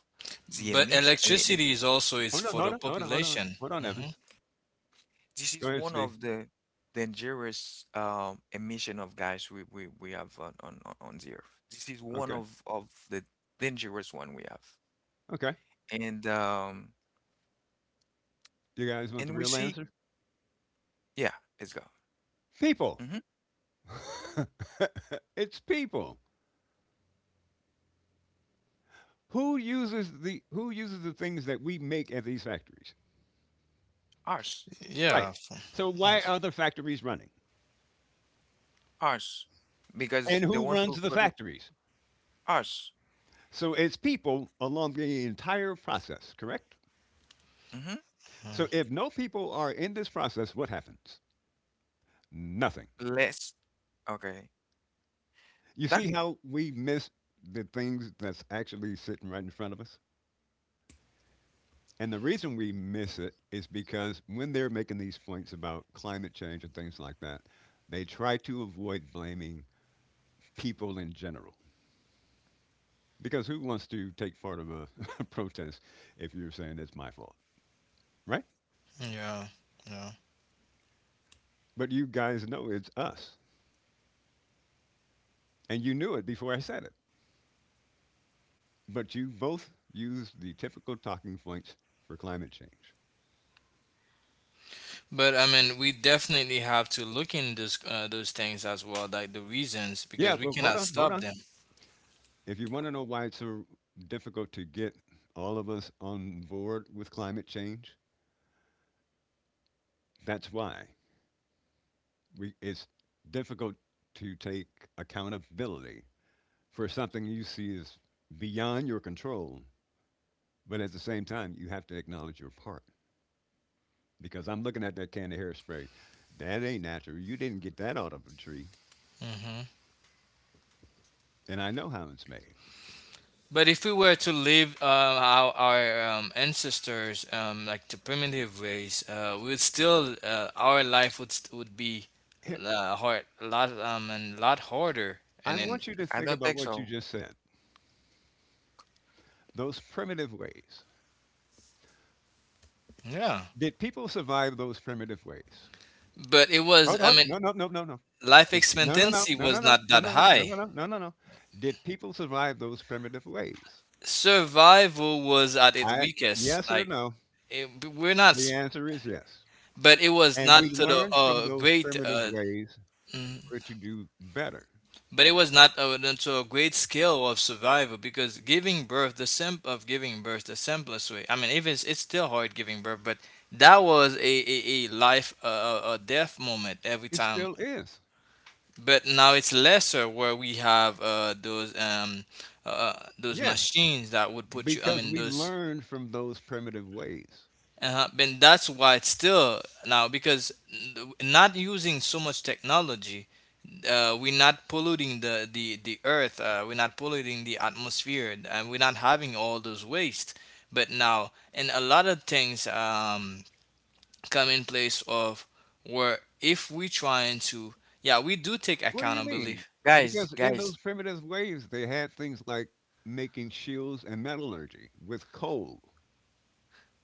Speaker 1: the
Speaker 2: but
Speaker 1: emission.
Speaker 2: electricity is also is
Speaker 3: Hold on.
Speaker 2: for the
Speaker 3: Hold on. Hold on. Hold on.
Speaker 2: population.
Speaker 3: Hold on,
Speaker 2: Hmm.
Speaker 3: Evans.
Speaker 1: This is
Speaker 3: Go ahead,
Speaker 1: one
Speaker 3: Steve.
Speaker 1: of the dangerous emission of gas we have on the earth. This is one
Speaker 3: Okay.
Speaker 1: of the dangerous one we have,
Speaker 3: Okay.
Speaker 1: and
Speaker 3: You guys want the
Speaker 1: we
Speaker 3: real
Speaker 1: see.
Speaker 3: answer?
Speaker 1: Yeah, let's go.
Speaker 3: People.
Speaker 1: Mm-hmm.
Speaker 3: It's people. Who uses the things that we make at these factories?
Speaker 1: Ours.
Speaker 2: Yeah,
Speaker 3: Right.
Speaker 2: of
Speaker 3: So why
Speaker 2: course.
Speaker 3: are the factories running?
Speaker 1: Us, because
Speaker 3: And
Speaker 1: they
Speaker 3: who
Speaker 1: want to
Speaker 3: runs the
Speaker 1: put it
Speaker 3: factories?
Speaker 1: us.
Speaker 3: So it's people along the entire process, correct?
Speaker 1: Mm-hmm.
Speaker 2: Mm,
Speaker 3: So if no people are in this process, what happens? Nothing.
Speaker 1: Less. Okay.
Speaker 3: You
Speaker 1: That
Speaker 3: see how we miss the things that's actually sitting right in front of us? And the reason we miss it is because when they're making these points about climate change and things like that, they try to avoid blaming people in general. Because who wants to take part of a, protest if you're saying it's my fault, right?
Speaker 2: yeah, yeah.
Speaker 3: But you guys know it's us. And you knew it before I said it, but you both used the typical talking points for climate change.
Speaker 2: But I mean, we definitely have to look in those things as well, like the reasons,
Speaker 3: Yeah,
Speaker 2: because we
Speaker 3: but hold
Speaker 2: cannot
Speaker 3: on, hold
Speaker 2: stop
Speaker 3: on.
Speaker 2: them.
Speaker 3: If you want to know why it's so difficult to get all of us on board with climate change, that's why. It's difficult to take accountability for something you see as beyond your control, but at the same time, you have to acknowledge your part. Because I'm looking at that can of hairspray. That ain't natural. You didn't get that out of a tree,
Speaker 2: Hmm.
Speaker 3: and I know how it's made.
Speaker 2: But if we were to live our ancestors, like the primitive ways, we would still our life would st- would be
Speaker 3: Here,
Speaker 2: hard, a lot and a lot harder.
Speaker 3: I
Speaker 2: And then,
Speaker 3: want you to
Speaker 1: I
Speaker 3: think
Speaker 1: don't
Speaker 3: about
Speaker 1: think
Speaker 3: what you
Speaker 1: so.
Speaker 3: just said. Those primitive ways.
Speaker 2: yeah,
Speaker 3: Did people survive those primitive ways?
Speaker 2: but it was. I mean,
Speaker 3: No, no, no, no, no.
Speaker 2: life
Speaker 3: No, no, no,
Speaker 2: expectancy
Speaker 3: no, no,
Speaker 2: was
Speaker 3: no,
Speaker 2: not
Speaker 3: no, no,
Speaker 2: that
Speaker 3: no, no, no,
Speaker 2: high.
Speaker 3: no, no, no. No. Did people survive those primitive ways?
Speaker 2: Survival was at its
Speaker 3: I,
Speaker 2: weakest.
Speaker 3: yes or
Speaker 2: Like
Speaker 3: no?
Speaker 2: it, we're not,
Speaker 3: The answer is yes.
Speaker 2: but it was
Speaker 3: And
Speaker 2: not
Speaker 3: we
Speaker 2: to the
Speaker 3: learn from those
Speaker 2: great.
Speaker 3: primitive ways in order to do better.
Speaker 2: But it was not until a great scale of survival because giving birth, the simplest way. I mean, even it's still hard giving birth, but that was a life, a death moment every
Speaker 3: It
Speaker 2: time.
Speaker 3: still is.
Speaker 2: But now it's lesser where we have those
Speaker 3: Yes,
Speaker 2: machines that would put you. I
Speaker 3: because
Speaker 2: mean,
Speaker 3: we
Speaker 2: those.
Speaker 3: learned from those primitive ways.
Speaker 2: And that's why it's still now because not using so much technology, we're not polluting the earth. We're not polluting the atmosphere, and we're not having all those waste. But now, and a lot of things come in place of where if we trying to, yeah, we do take
Speaker 3: What do you
Speaker 2: accountability.
Speaker 3: mean?
Speaker 1: Guys,
Speaker 3: Because in those
Speaker 1: guys,
Speaker 3: primitive ways, they had things like making shields and metallurgy with coal.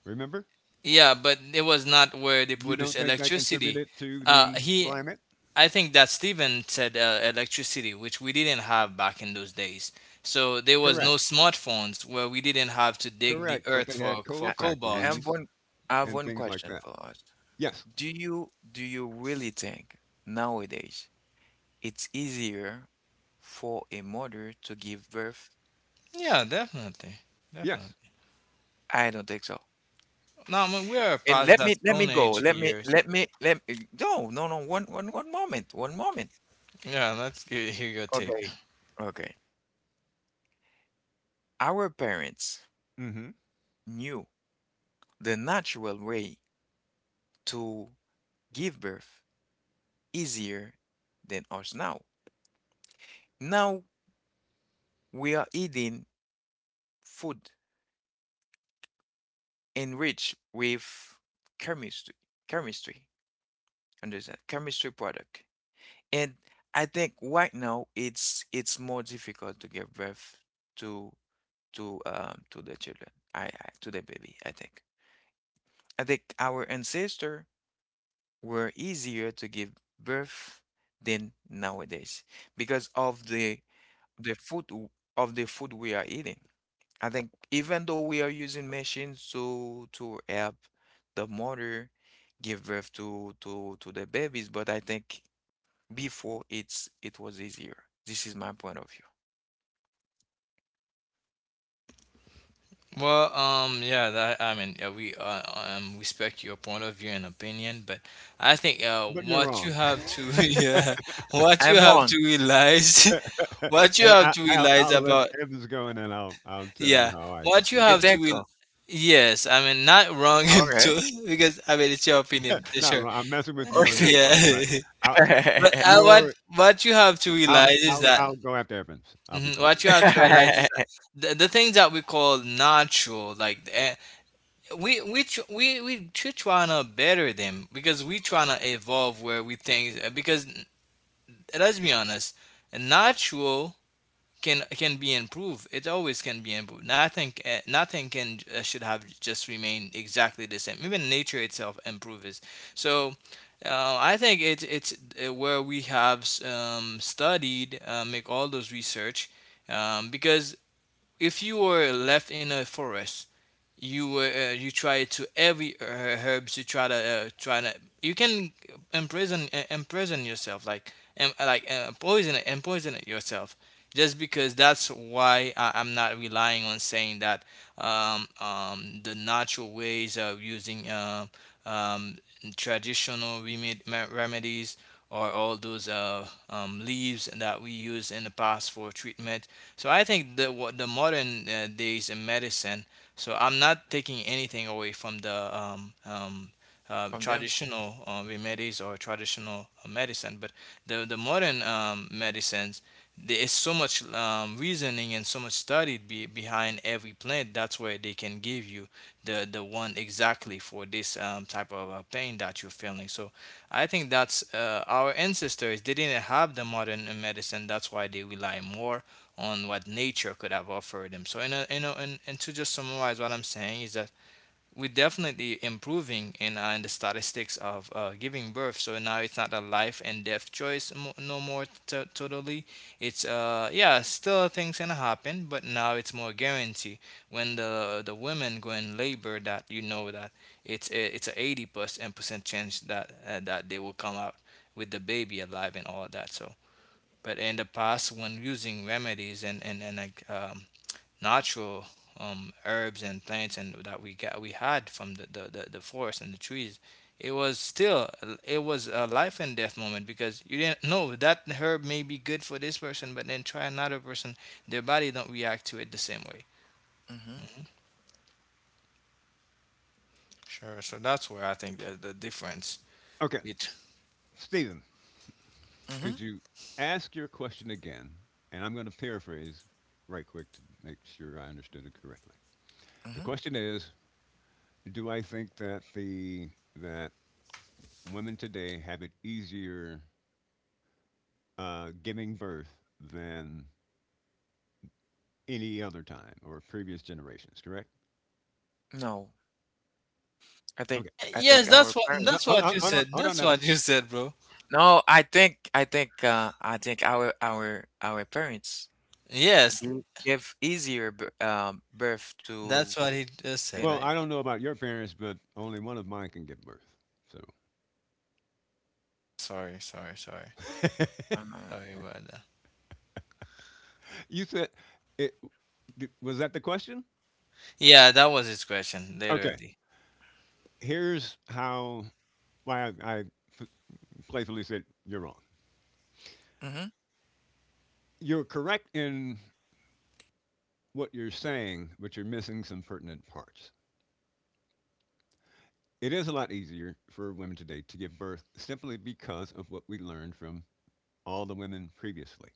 Speaker 3: Remember?
Speaker 2: Yeah, but it was not where they
Speaker 3: You
Speaker 2: produce
Speaker 3: don't think that
Speaker 2: electricity.
Speaker 3: contributed to
Speaker 2: Uh,
Speaker 3: the
Speaker 2: he,
Speaker 3: climate?
Speaker 2: I think that Stephen said electricity, which we didn't have back in those days. So there was
Speaker 3: Correct.
Speaker 2: no smartphones where we didn't have to dig the
Speaker 3: Correct. But
Speaker 2: earth
Speaker 3: they
Speaker 2: for
Speaker 3: had coal
Speaker 2: for
Speaker 1: I, I I
Speaker 2: cobalt.
Speaker 1: have
Speaker 3: factories
Speaker 1: one I have
Speaker 3: and
Speaker 1: one
Speaker 3: things like
Speaker 1: question
Speaker 3: that.
Speaker 1: for us.
Speaker 3: Yes.
Speaker 1: Do you really think nowadays it's easier for a mother to give birth?
Speaker 2: Yeah, definitely.
Speaker 3: Yes.
Speaker 2: Definitely.
Speaker 1: I don't think so.
Speaker 2: Now, I mean, we are
Speaker 1: And
Speaker 2: past
Speaker 1: let
Speaker 2: that
Speaker 1: me let me
Speaker 2: Stone
Speaker 1: go.
Speaker 2: Age years.
Speaker 1: No, no, no, one moment, one moment.
Speaker 2: Yeah, let's hear your take.
Speaker 1: Okay. Okay. Our parents
Speaker 3: Hmm.
Speaker 1: knew the natural way to give birth easier than us now. Now we are eating food enriched with chemistry, chemistry, understand, chemistry product. And I think right now it's more difficult to give birth to to the children. I to the baby, I think. I think our ancestor were easier to give birth than nowadays because of the food w- the food we are eating. I think even though we are using machines to help the mother give birth to the babies, but I think before it was easier. This is my point of view.
Speaker 2: Well, yeah, that, I mean, we respect your point of view and opinion, but I think
Speaker 3: But you're
Speaker 2: what you
Speaker 3: wrong.
Speaker 2: have to yeah, what you
Speaker 1: I'm
Speaker 2: have
Speaker 1: wrong.
Speaker 2: to realize, what you
Speaker 3: And
Speaker 2: have to realize
Speaker 3: I'll let
Speaker 2: about
Speaker 3: Evans go, and then I'll tell you
Speaker 2: yeah,
Speaker 3: how I can
Speaker 2: what you
Speaker 1: You
Speaker 3: prove.
Speaker 2: have
Speaker 1: think
Speaker 2: to real
Speaker 1: so?
Speaker 2: yes, I mean, not wrong and
Speaker 1: Okay.
Speaker 2: to, because I mean it's your opinion,
Speaker 3: Not
Speaker 2: sure,
Speaker 3: wrong. I'm messing with you on that
Speaker 1: Okay.
Speaker 2: yeah.
Speaker 3: part, but I'll,
Speaker 2: But what
Speaker 3: you're
Speaker 2: what you have to
Speaker 3: I'll,
Speaker 2: realize is that.
Speaker 3: I'll go after Evans. I'll be
Speaker 2: Mhm.
Speaker 3: quiet.
Speaker 2: What you have to realize is that the things that we call natural, like we tr- trying to better them because we trying to evolve where we think because let's be honest, natural can be improved. It always can be improved. Nothing can should have just remained exactly the same. Even nature itself improves. So. I think it's where we have studied, make all those research, because if you were left in a forest you try to every herbs you try to try to you can imprison imprison yourself like like poison it and poison it yourself just because that's why I'm not relying on saying that the natural ways of using um, traditional remedies or all those leaves that we use in the past for treatment. So I think that what the modern days in medicine, so I'm not taking anything away from the
Speaker 1: From them.
Speaker 2: traditional remedies or traditional medicine, but the modern medicines there is so much reasoning and so much study behind every plant. That's where they can give you the one exactly for this type of pain that you're feeling. So I think that's our ancestors. They didn't have the modern medicine. That's why they rely more on what nature could have offered them. So, in a, and to just summarize what I'm saying is that we're definitely improving in the statistics of giving birth. So now it's not a life and death choice no more totally. It's Yeah, still things can happen, but now it's more guarantee when the women go in labor that you know that it's a 80% chance that they will come out with the baby alive and all that. So but in the past, when using remedies and like natural herbs and plants and that we had from the forest and the trees, it was still it was a life and death moment because you didn't know that herb may be good for this person, but then try another person, their body don't react to it the same way.
Speaker 1: Mm-hmm.
Speaker 2: Sure. So that's where I think the difference.
Speaker 3: Now. Okay,
Speaker 2: It.
Speaker 3: Stephen.
Speaker 1: Mm-hmm.
Speaker 3: Could you ask your question again? And I'm going to paraphrase right quick to make sure I understood it correctly. The
Speaker 1: Mm-hmm.
Speaker 3: question is, do I think that the that women today have it easier giving birth than any other time or previous generations? Correct.
Speaker 1: No. I think
Speaker 3: Okay.
Speaker 1: I think
Speaker 2: Yes,
Speaker 1: our
Speaker 2: that's what
Speaker 3: No,
Speaker 1: parents.
Speaker 3: hold on,
Speaker 2: you
Speaker 3: hold on,
Speaker 2: said.
Speaker 3: hold on,
Speaker 2: That's what
Speaker 3: Evans.
Speaker 2: you said, bro.
Speaker 1: No, I think our parents
Speaker 2: Yes,
Speaker 1: Give easier birth to
Speaker 2: that's what he just said,
Speaker 1: than,
Speaker 3: Well,
Speaker 2: right?
Speaker 3: I don't know about your parents, but only one of mine can give birth. So
Speaker 2: Sorry, sorry, sorry.
Speaker 1: uh,
Speaker 2: Sorry about that.
Speaker 3: you said it. Was that the question?
Speaker 2: Yeah, that was his question,
Speaker 3: Okay.
Speaker 2: literally.
Speaker 3: Here's how why I f- playfully said you're wrong.
Speaker 1: mhm,
Speaker 3: You're correct in what you're saying, but you're missing some pertinent parts. It is a lot easier for women today to give birth simply because of what we learned from all the women previously,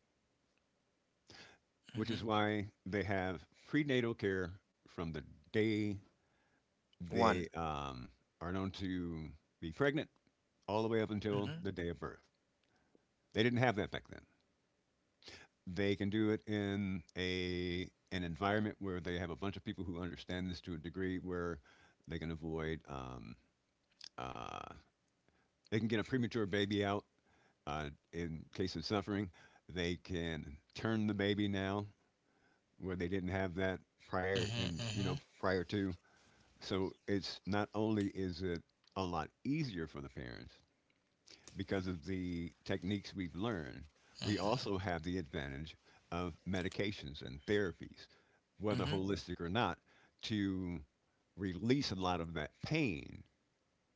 Speaker 3: which
Speaker 1: mhm,
Speaker 3: is why they have prenatal care from the day
Speaker 1: one.
Speaker 3: they are known to be pregnant all the way up until
Speaker 1: Mhm,
Speaker 3: the day of birth. They didn't have that back then. They can do it in a an environment where they have a bunch of people who understand this to a degree where they can avoid uh, they can get a premature baby out in case of suffering. They can turn the baby now where they didn't have that prior
Speaker 2: Mm-hmm,
Speaker 3: and you
Speaker 2: mm-hmm,
Speaker 3: know prior to. So it's not only is it a lot easier for the parents, because of the techniques we've learned, we
Speaker 2: mm-hmm,
Speaker 3: also have the advantage of medications and therapies, whether
Speaker 1: mhm,
Speaker 3: holistic or not, to release a lot of that pain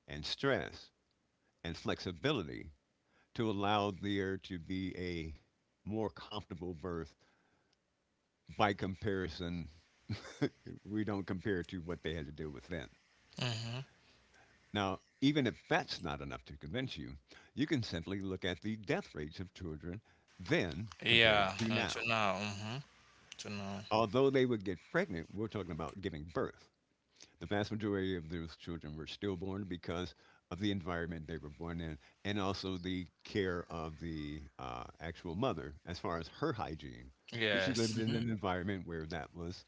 Speaker 3: and stress and flexibility to allow there to be a more comfortable birth by comparison. We don't compare to what they had to deal with then.
Speaker 2: mm-hmm.
Speaker 3: Now, even if that's not enough to convince you, you can simply look at the death rates of children then compared
Speaker 2: Yeah,
Speaker 3: to
Speaker 2: and to
Speaker 3: now.
Speaker 2: now, mm-hmm, to now.
Speaker 3: Although they would get pregnant, we're talking about giving birth. The vast majority of those children were stillborn because of the environment they were born in and also the care of the actual mother as far as her hygiene. But she lived
Speaker 2: Yes.
Speaker 3: in
Speaker 1: mhm,
Speaker 3: an environment where that was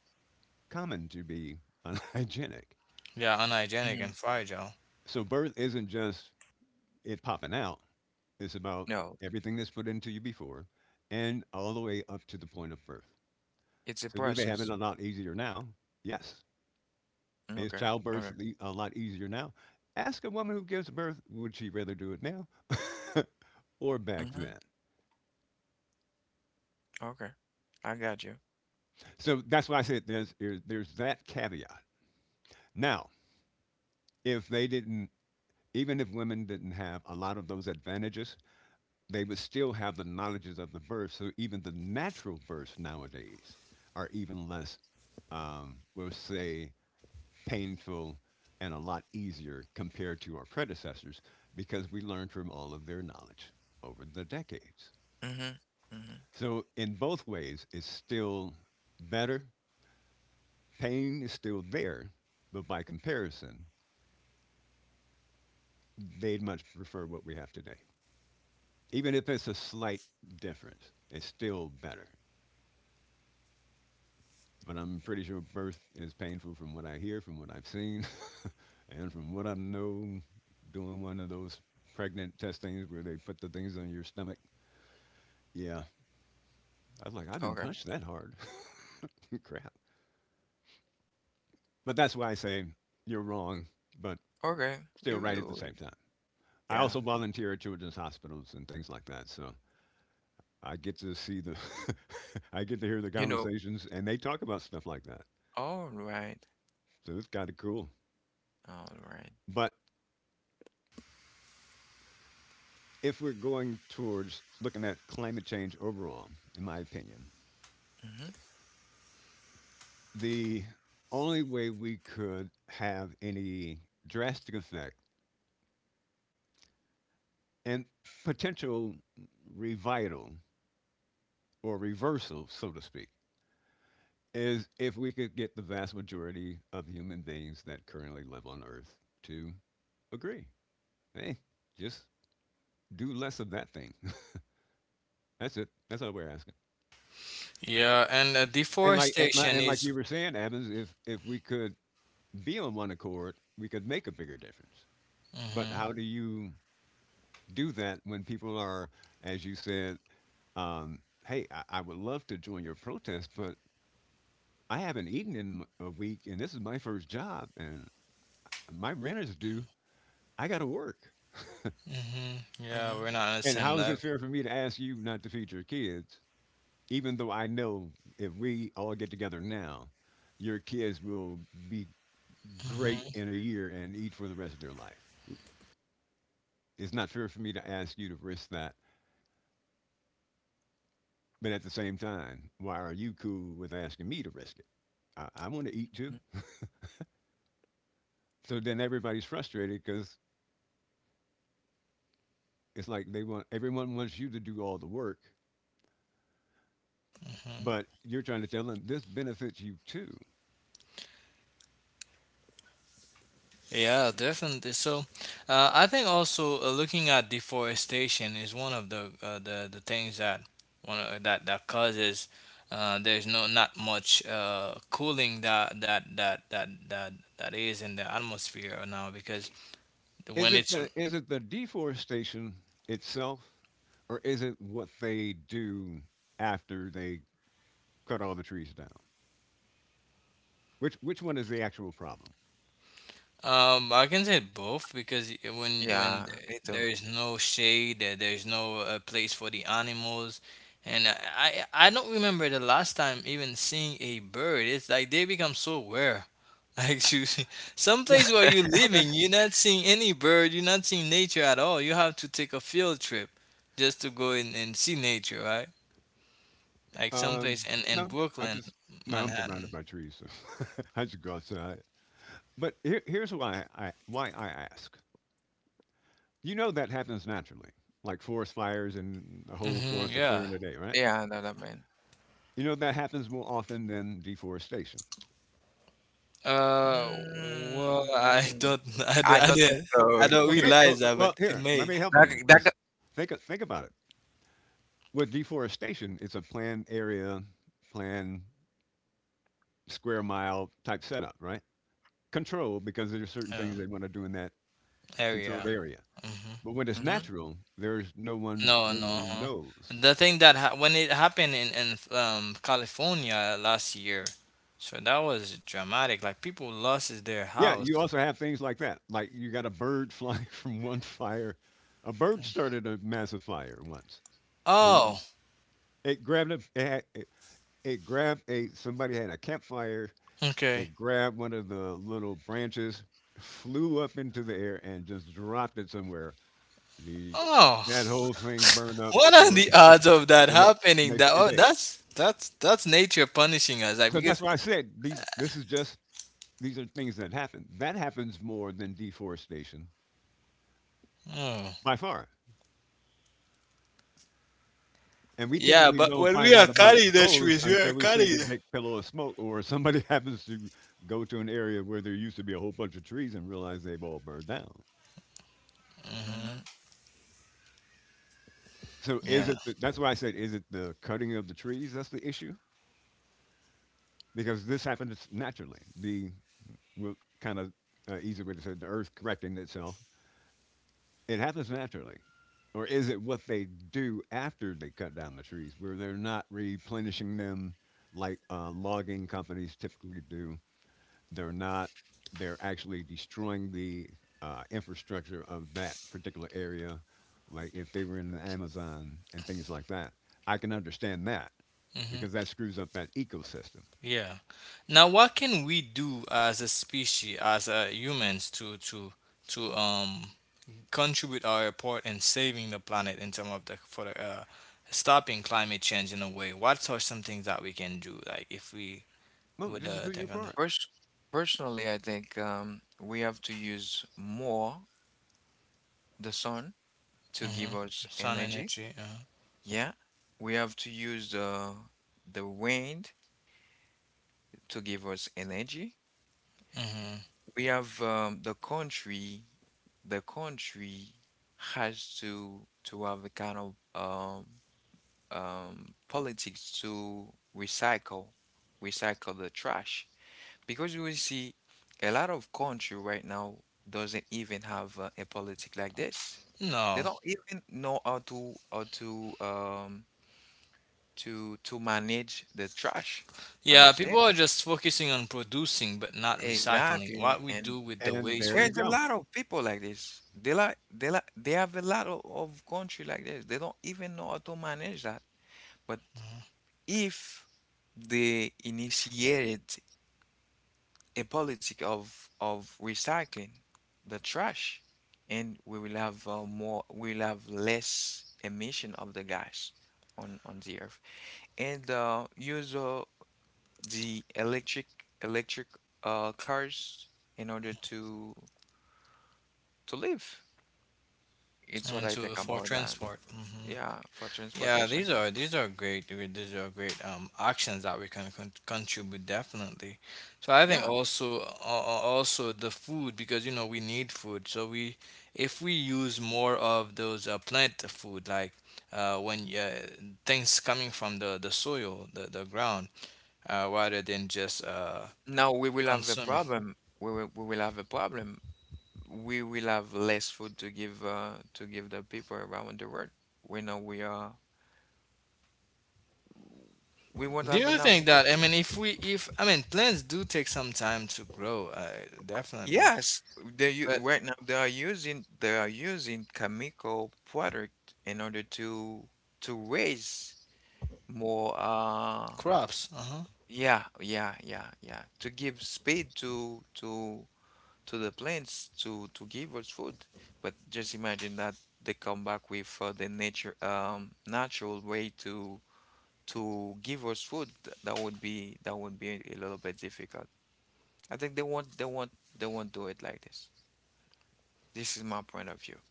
Speaker 3: common to be unhygienic.
Speaker 2: Yeah, unhygienic
Speaker 1: mhm.
Speaker 2: and fragile.
Speaker 3: So birth isn't just it popping out, it's about
Speaker 1: No,
Speaker 3: everything that's put into you before and all the way up to the point of birth.
Speaker 1: it's a
Speaker 3: So do they have it
Speaker 1: process.
Speaker 3: a lot easier now? Yes. Is
Speaker 1: Okay,
Speaker 3: childbirth
Speaker 1: okay,
Speaker 3: a lot easier now? Ask a woman who gives birth, would she rather do it now or back
Speaker 1: mhm,
Speaker 3: then?
Speaker 1: okay. I got you.
Speaker 3: So that's why I said there's that caveat. Now, if they didn't, even if women didn't have a lot of those advantages, they would still have the knowledges of the birth. So even the natural births nowadays are even less, we'll say, painful and a lot easier compared to our predecessors because we learned from all of their knowledge over the decades.
Speaker 1: Mhm, mhm.
Speaker 3: So, in both ways, it's still better. Pain is still there, but by comparison, they'd much prefer what we have today. Even if it's a slight difference, it's still better. But I'm pretty sure birth is painful from what I hear, from what I've seen, and from what I know doing one of those pregnant testings where they put the things on your stomach. Yeah. I was like, I've been
Speaker 1: Okay,
Speaker 3: punched that hard. Crap. But that's why I say you're wrong, but
Speaker 1: okay.
Speaker 3: still
Speaker 1: You,
Speaker 3: right at the
Speaker 1: you,
Speaker 3: same time. I
Speaker 1: yeah.
Speaker 3: also volunteer at children's hospitals and things like that. So I get to see I get to hear the
Speaker 1: You know.
Speaker 3: conversations and they talk about stuff like that.
Speaker 1: All right,
Speaker 3: So it's kind of cool.
Speaker 1: all right.
Speaker 3: But if we're going towards looking at climate change overall, in my opinion,
Speaker 1: Mhm,
Speaker 3: the only way we could have any drastic effect and potential revital or reversal, so to speak, is if we could get the vast majority of human beings that currently live on Earth to agree. Hey, just do less of that thing. That's it. That's all we're asking.
Speaker 2: Yeah, and
Speaker 3: And like and, li-
Speaker 2: deforestation
Speaker 3: and like
Speaker 2: is.
Speaker 3: you were saying, Evans, if we could be on one accord, we could make a bigger difference. But
Speaker 2: Mm-hmm,
Speaker 3: how do you do that when people are, as you said, um, hey, I would love to join your protest, but I haven't eaten in a week, and this is my first job, and my rent is due.
Speaker 2: mm-hmm.
Speaker 3: I got to work.
Speaker 2: Mm-hmm. Yeah, we're
Speaker 1: mhm,
Speaker 2: not on the
Speaker 3: And
Speaker 2: same
Speaker 3: how is it
Speaker 2: level.
Speaker 3: fair for me to ask you not to feed your kids, even though I know if we all get together now, your kids will be
Speaker 2: Mm-hmm,
Speaker 3: great in a year and eat for the rest of their life? It's not fair for me to ask you to risk that. But at the same time, why are you cool with asking me to risk it? I want to eat too.
Speaker 1: mhm.
Speaker 3: So then everybody's frustrated because it's like they want everyone wants you to do all the work,
Speaker 2: mm-hmm.
Speaker 3: but you're trying to tell them this benefits you too.
Speaker 2: Yeah, definitely. So, I think also looking at deforestation is one of the things that one of, that that causes there's no not much cooling that is in the atmosphere now because when it's
Speaker 3: Is it the deforestation itself, or is it what they do after they cut all the trees down? Which one is the actual problem?
Speaker 2: I can say both because
Speaker 1: Yeah, me too.
Speaker 2: there is no shade, there is no place for the animals, and I don't remember the last time even seeing a bird. It's like they become so rare. Like you, some
Speaker 3: No.
Speaker 2: place where you're
Speaker 3: Okay.
Speaker 2: living, you're not seeing any bird. You're not seeing nature at all. You have to take a field trip just to go in and see nature, right? Like someplace
Speaker 3: Um.
Speaker 2: in
Speaker 3: No. I
Speaker 2: Brooklyn,
Speaker 3: just no. I'm surrounded
Speaker 2: Manhattan.
Speaker 3: by trees, so I should go outside. But here's why I ask. You know that happens naturally, like forest fires and a whole
Speaker 2: Hmm,
Speaker 3: forest are clear
Speaker 2: yeah.
Speaker 3: in a day, right?
Speaker 1: Yeah, I know that, man.
Speaker 3: You know that happens more often than deforestation.
Speaker 2: Uh, well, I
Speaker 1: Mm,
Speaker 2: don't, I don't,
Speaker 1: I
Speaker 2: I
Speaker 1: don't think
Speaker 2: don't, I
Speaker 1: so.
Speaker 2: don't
Speaker 3: Well, think,
Speaker 2: realize
Speaker 3: well,
Speaker 2: that, but
Speaker 3: well.
Speaker 2: it
Speaker 3: Here, let
Speaker 2: may.
Speaker 3: me help you because
Speaker 1: That,
Speaker 3: think about it. With deforestation, it's a planned area, planned square mile type setup, right? Controlled because there are certain things
Speaker 2: Oh,
Speaker 3: they want to do in that
Speaker 2: there we
Speaker 3: controlled
Speaker 2: are.
Speaker 3: area.
Speaker 2: Hmm.
Speaker 3: But when it's
Speaker 1: that,
Speaker 3: natural, there's no one
Speaker 2: No,
Speaker 3: who
Speaker 2: no. Huh.
Speaker 3: knows.
Speaker 2: The thing that ha when it happened in California last year, so that was dramatic. Like people lost their
Speaker 3: Yeah,
Speaker 2: house.
Speaker 3: you also have things like that. Like you got a bird flying from one fire. A bird started a massive fire once. And
Speaker 1: mhm,
Speaker 2: Oh,
Speaker 3: it grabbed a it, had, it grabbed a somebody had a campfire.
Speaker 2: okay.
Speaker 3: It grabbed one of the little branches, flew up into the air, and just dropped it somewhere. The
Speaker 2: Oh,
Speaker 3: That whole thing burned up
Speaker 2: what are
Speaker 3: for
Speaker 2: the odds of that
Speaker 3: the
Speaker 2: happening?
Speaker 3: next
Speaker 2: That
Speaker 3: three
Speaker 2: oh,
Speaker 3: days.
Speaker 2: that's nature punishing us. Like
Speaker 3: So that's
Speaker 2: because,
Speaker 3: why I said these. This is just these are things that happen. That happens more than deforestation
Speaker 2: oh,
Speaker 3: by far. And we
Speaker 2: yeah,
Speaker 3: typically
Speaker 2: but
Speaker 3: don't
Speaker 2: when we
Speaker 3: find
Speaker 2: are
Speaker 3: out about
Speaker 2: carrying the
Speaker 3: those
Speaker 2: trees, we are
Speaker 3: until we see the
Speaker 2: carrying.
Speaker 3: big pillow of smoke, or somebody happens to go to an area where there used to be a whole bunch of trees and realize they've all burned down.
Speaker 1: mhm.
Speaker 3: So is
Speaker 2: Yeah.
Speaker 3: it? That's why I said, is it the cutting of the trees that's the issue? Because this happens naturally. Well, kind of easy way to say it, the Earth correcting itself. It happens naturally, or is it what they do after they cut down the trees, where they're not replenishing them like logging companies typically do? They're not. They're actually destroying the infrastructure of that particular area, like if they were in the Amazon and things like that. I can understand that
Speaker 2: Hmm.
Speaker 3: because that screws up that ecosystem.
Speaker 2: Yeah. Now, what can we do as a species, as humans, to contribute our part in saving the planet in terms of stopping climate change in a way? What are some things that we can do? Like if we
Speaker 3: No,
Speaker 2: would
Speaker 3: just do your
Speaker 2: think on the
Speaker 3: part.
Speaker 1: Pers Personally, I think we have to use more the sun to
Speaker 2: hmm
Speaker 1: give us
Speaker 2: sun
Speaker 1: energy.
Speaker 2: energy.
Speaker 1: Yeah, we have to use the wind to give us energy.
Speaker 2: Hmm
Speaker 1: We have The country has to have a kind of politics to recycle the trash. Because you will see a lot of country right now doesn't even have a politic like this. They
Speaker 2: No.
Speaker 1: don't even know how to to manage the trash.
Speaker 2: Yeah,
Speaker 1: Understand?
Speaker 2: people are just focusing on producing but not recycling.
Speaker 1: Exactly.
Speaker 2: What we
Speaker 1: And
Speaker 2: do with
Speaker 1: th
Speaker 2: the
Speaker 3: And
Speaker 2: waste
Speaker 3: there
Speaker 2: from
Speaker 3: you
Speaker 1: there's a
Speaker 3: go.
Speaker 1: lot of people like this. They have a lot of country like this. They don't even know how to manage that. But if they initiated a politic of recycling the trash, and we will have we'll have less emission of the gas on the earth, and use the electric cars in order to live. It's what
Speaker 2: and
Speaker 1: I think
Speaker 2: to for
Speaker 1: about that.
Speaker 2: transport. Mm-hmm.
Speaker 1: Yeah, for
Speaker 2: Yeah,
Speaker 1: transportation.
Speaker 2: these are great. These are great actions that we can contribute definitely. So I think
Speaker 1: Yeah.
Speaker 2: also also the food because you know we need food. So we if we use more of those plant food like when things coming from the soil the ground rather than just
Speaker 1: Now we will have a
Speaker 2: consuming.
Speaker 1: problem. We will have a problem we will have less food to give the people around the world. We know we won't
Speaker 2: Do
Speaker 1: have
Speaker 2: you
Speaker 1: enough
Speaker 2: think
Speaker 1: food.
Speaker 2: that I mean if I mean plants do take some time to grow definitely,
Speaker 1: Yes,
Speaker 2: but
Speaker 1: right now they are using chemical product in order to raise more uh
Speaker 2: crops. Uh huh.
Speaker 1: yeah yeah yeah yeah to give speed to the plants to give us food. But just imagine that they come back with the nature natural way to give us food, that would be a little bit difficult. I think they won't do it like this. This is my point of view.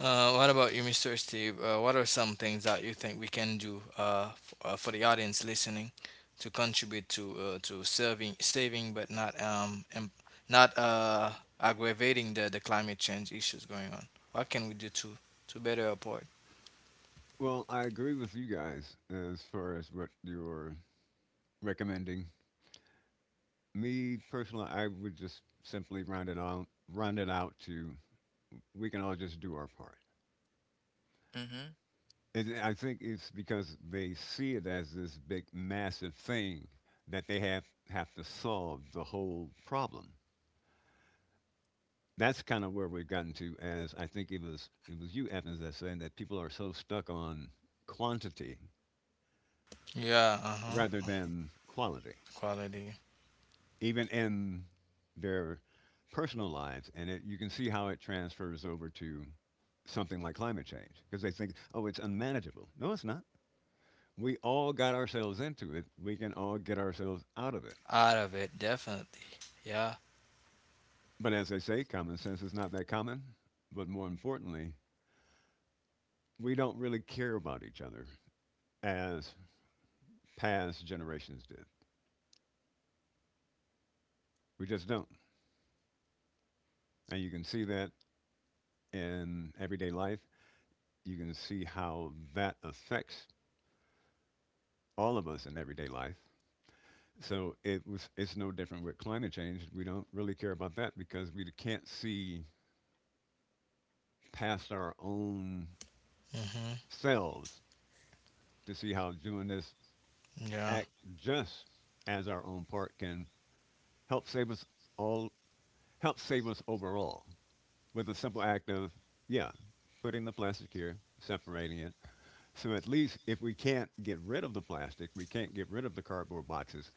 Speaker 2: What about you, Mr. Steve? What are some things that you think we can do for the audience listening to contribute to saving, but not not uh, aggravating the climate change issues going on? What can we do to better support?
Speaker 3: Well, I agree with you guys as far as what you're recommending. Me personally, I would just simply round it out to we can all just do our part.
Speaker 1: Mm-hmm.
Speaker 3: And I think it's because they see it as this big, massive thing that they have to solve the whole problem. That's kind of where we've gotten to. As I think it was you, Evans, that saying that people are so stuck on quantity
Speaker 2: Yeah, uh huh.
Speaker 3: rather than quality,
Speaker 2: Quality
Speaker 3: even in their personal lives. And it, you can see how it transfers over to something like climate change because they think, oh, it's unmanageable. No, it's not. We all got ourselves into it. We can all get ourselves out of it.
Speaker 2: out of it, definitely. Yeah.
Speaker 3: But as they say, common sense is not that common. But more importantly, we don't really care about each other as past generations did. We just don't. And you can see that in everyday life. You can see how that affects all of us in everyday life. So it's no different with climate change. We don't really care about that because we can't see past our own
Speaker 2: Mhm.
Speaker 3: selves to see how doing this
Speaker 2: Yeah.
Speaker 3: act just as our own part can help save us all help save us overall with a simple act of yeah, putting the plastic here, separating it. So at least if we can't get rid of the plastic, we can't get rid of the cardboard boxes,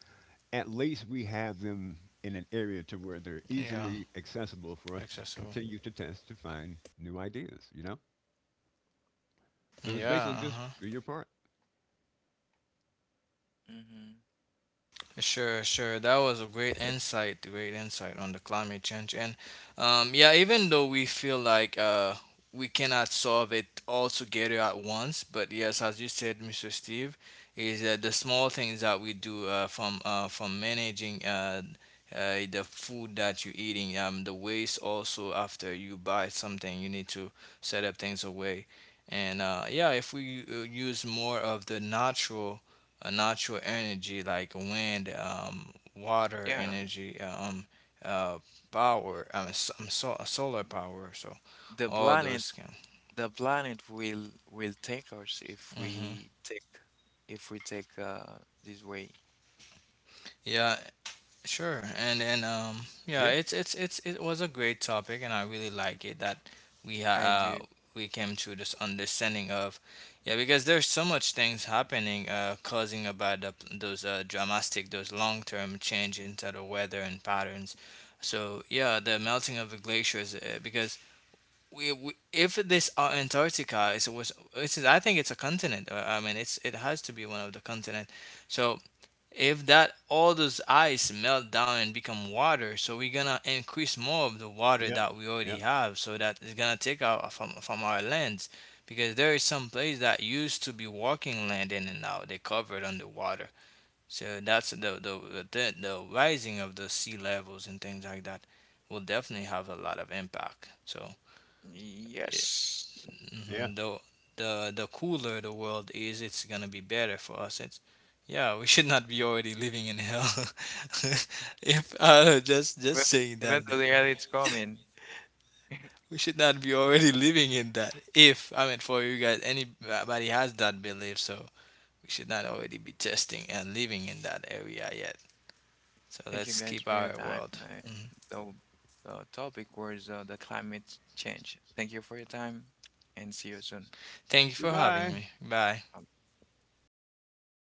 Speaker 3: at least we have them in an area to where they're
Speaker 2: Yeah.
Speaker 3: easily accessible for us to
Speaker 2: Accessible.
Speaker 3: continue to test to find new ideas, you know? So it's
Speaker 2: Yeah.
Speaker 3: basically
Speaker 2: Uh
Speaker 3: just
Speaker 2: huh.
Speaker 3: do your part.
Speaker 1: Mm-hmm.
Speaker 2: Sure, sure. That was a great insight on the climate change. And yeah, even though we feel like we cannot solve it all together at once, but yes, as you said, Mr. Steve, is that the small things that we do from managing the food that you're eating, the waste also after you buy something, you need to set up things away. And yeah, if we use more of the natural a natural energy like wind, water
Speaker 1: Yeah,
Speaker 2: energy, uh, power. I mean, solar power. So
Speaker 1: the
Speaker 2: all
Speaker 1: planet
Speaker 2: those can.
Speaker 1: the planet will take us if
Speaker 2: Hmm.
Speaker 1: we take uh, this way.
Speaker 2: Yeah, sure, and yeah,
Speaker 3: Yeah,
Speaker 2: it's it was a great topic, and I really like it that we ha-
Speaker 1: I do.
Speaker 2: uh we came to this understanding of, yeah, because there's so much things happening, causing about those dramatic, those long term change into the weather and patterns. So yeah, the melting of the glaciers, because we if this Antarctica is was it's I think it's a continent. Uh, I mean, it's it has to be one of the continent. So if that all those ice melt down and become water so we're gonna increase more of the water
Speaker 3: yeah,
Speaker 2: that we already
Speaker 3: yeah,
Speaker 2: have so that it's gonna take out from our lands because there is some place that used to be walking land in and now they covered underwater so that's the rising of the sea levels and things like that will definitely have a lot of impact so
Speaker 1: Yes.
Speaker 3: yeah.
Speaker 2: mhm, the cooler the world is, it's gonna be better for us. It's yeah, we should not be already living in hell. If just
Speaker 1: Even
Speaker 2: saying that there,
Speaker 1: Eventually, yeah, it's coming.
Speaker 2: we should not be already living in that. If I mean for you guys, anybody has that belief, so we should not already be testing and living in that area yet. So
Speaker 1: Thank you
Speaker 2: let's
Speaker 1: guys
Speaker 2: keep
Speaker 1: for your
Speaker 2: our
Speaker 1: time.
Speaker 2: world. Mhm.
Speaker 1: The, the topic was the climate change. Thank you for your time and see you soon.
Speaker 2: Thank you for having
Speaker 3: Goodbye.
Speaker 2: me. Bye.
Speaker 1: Bye.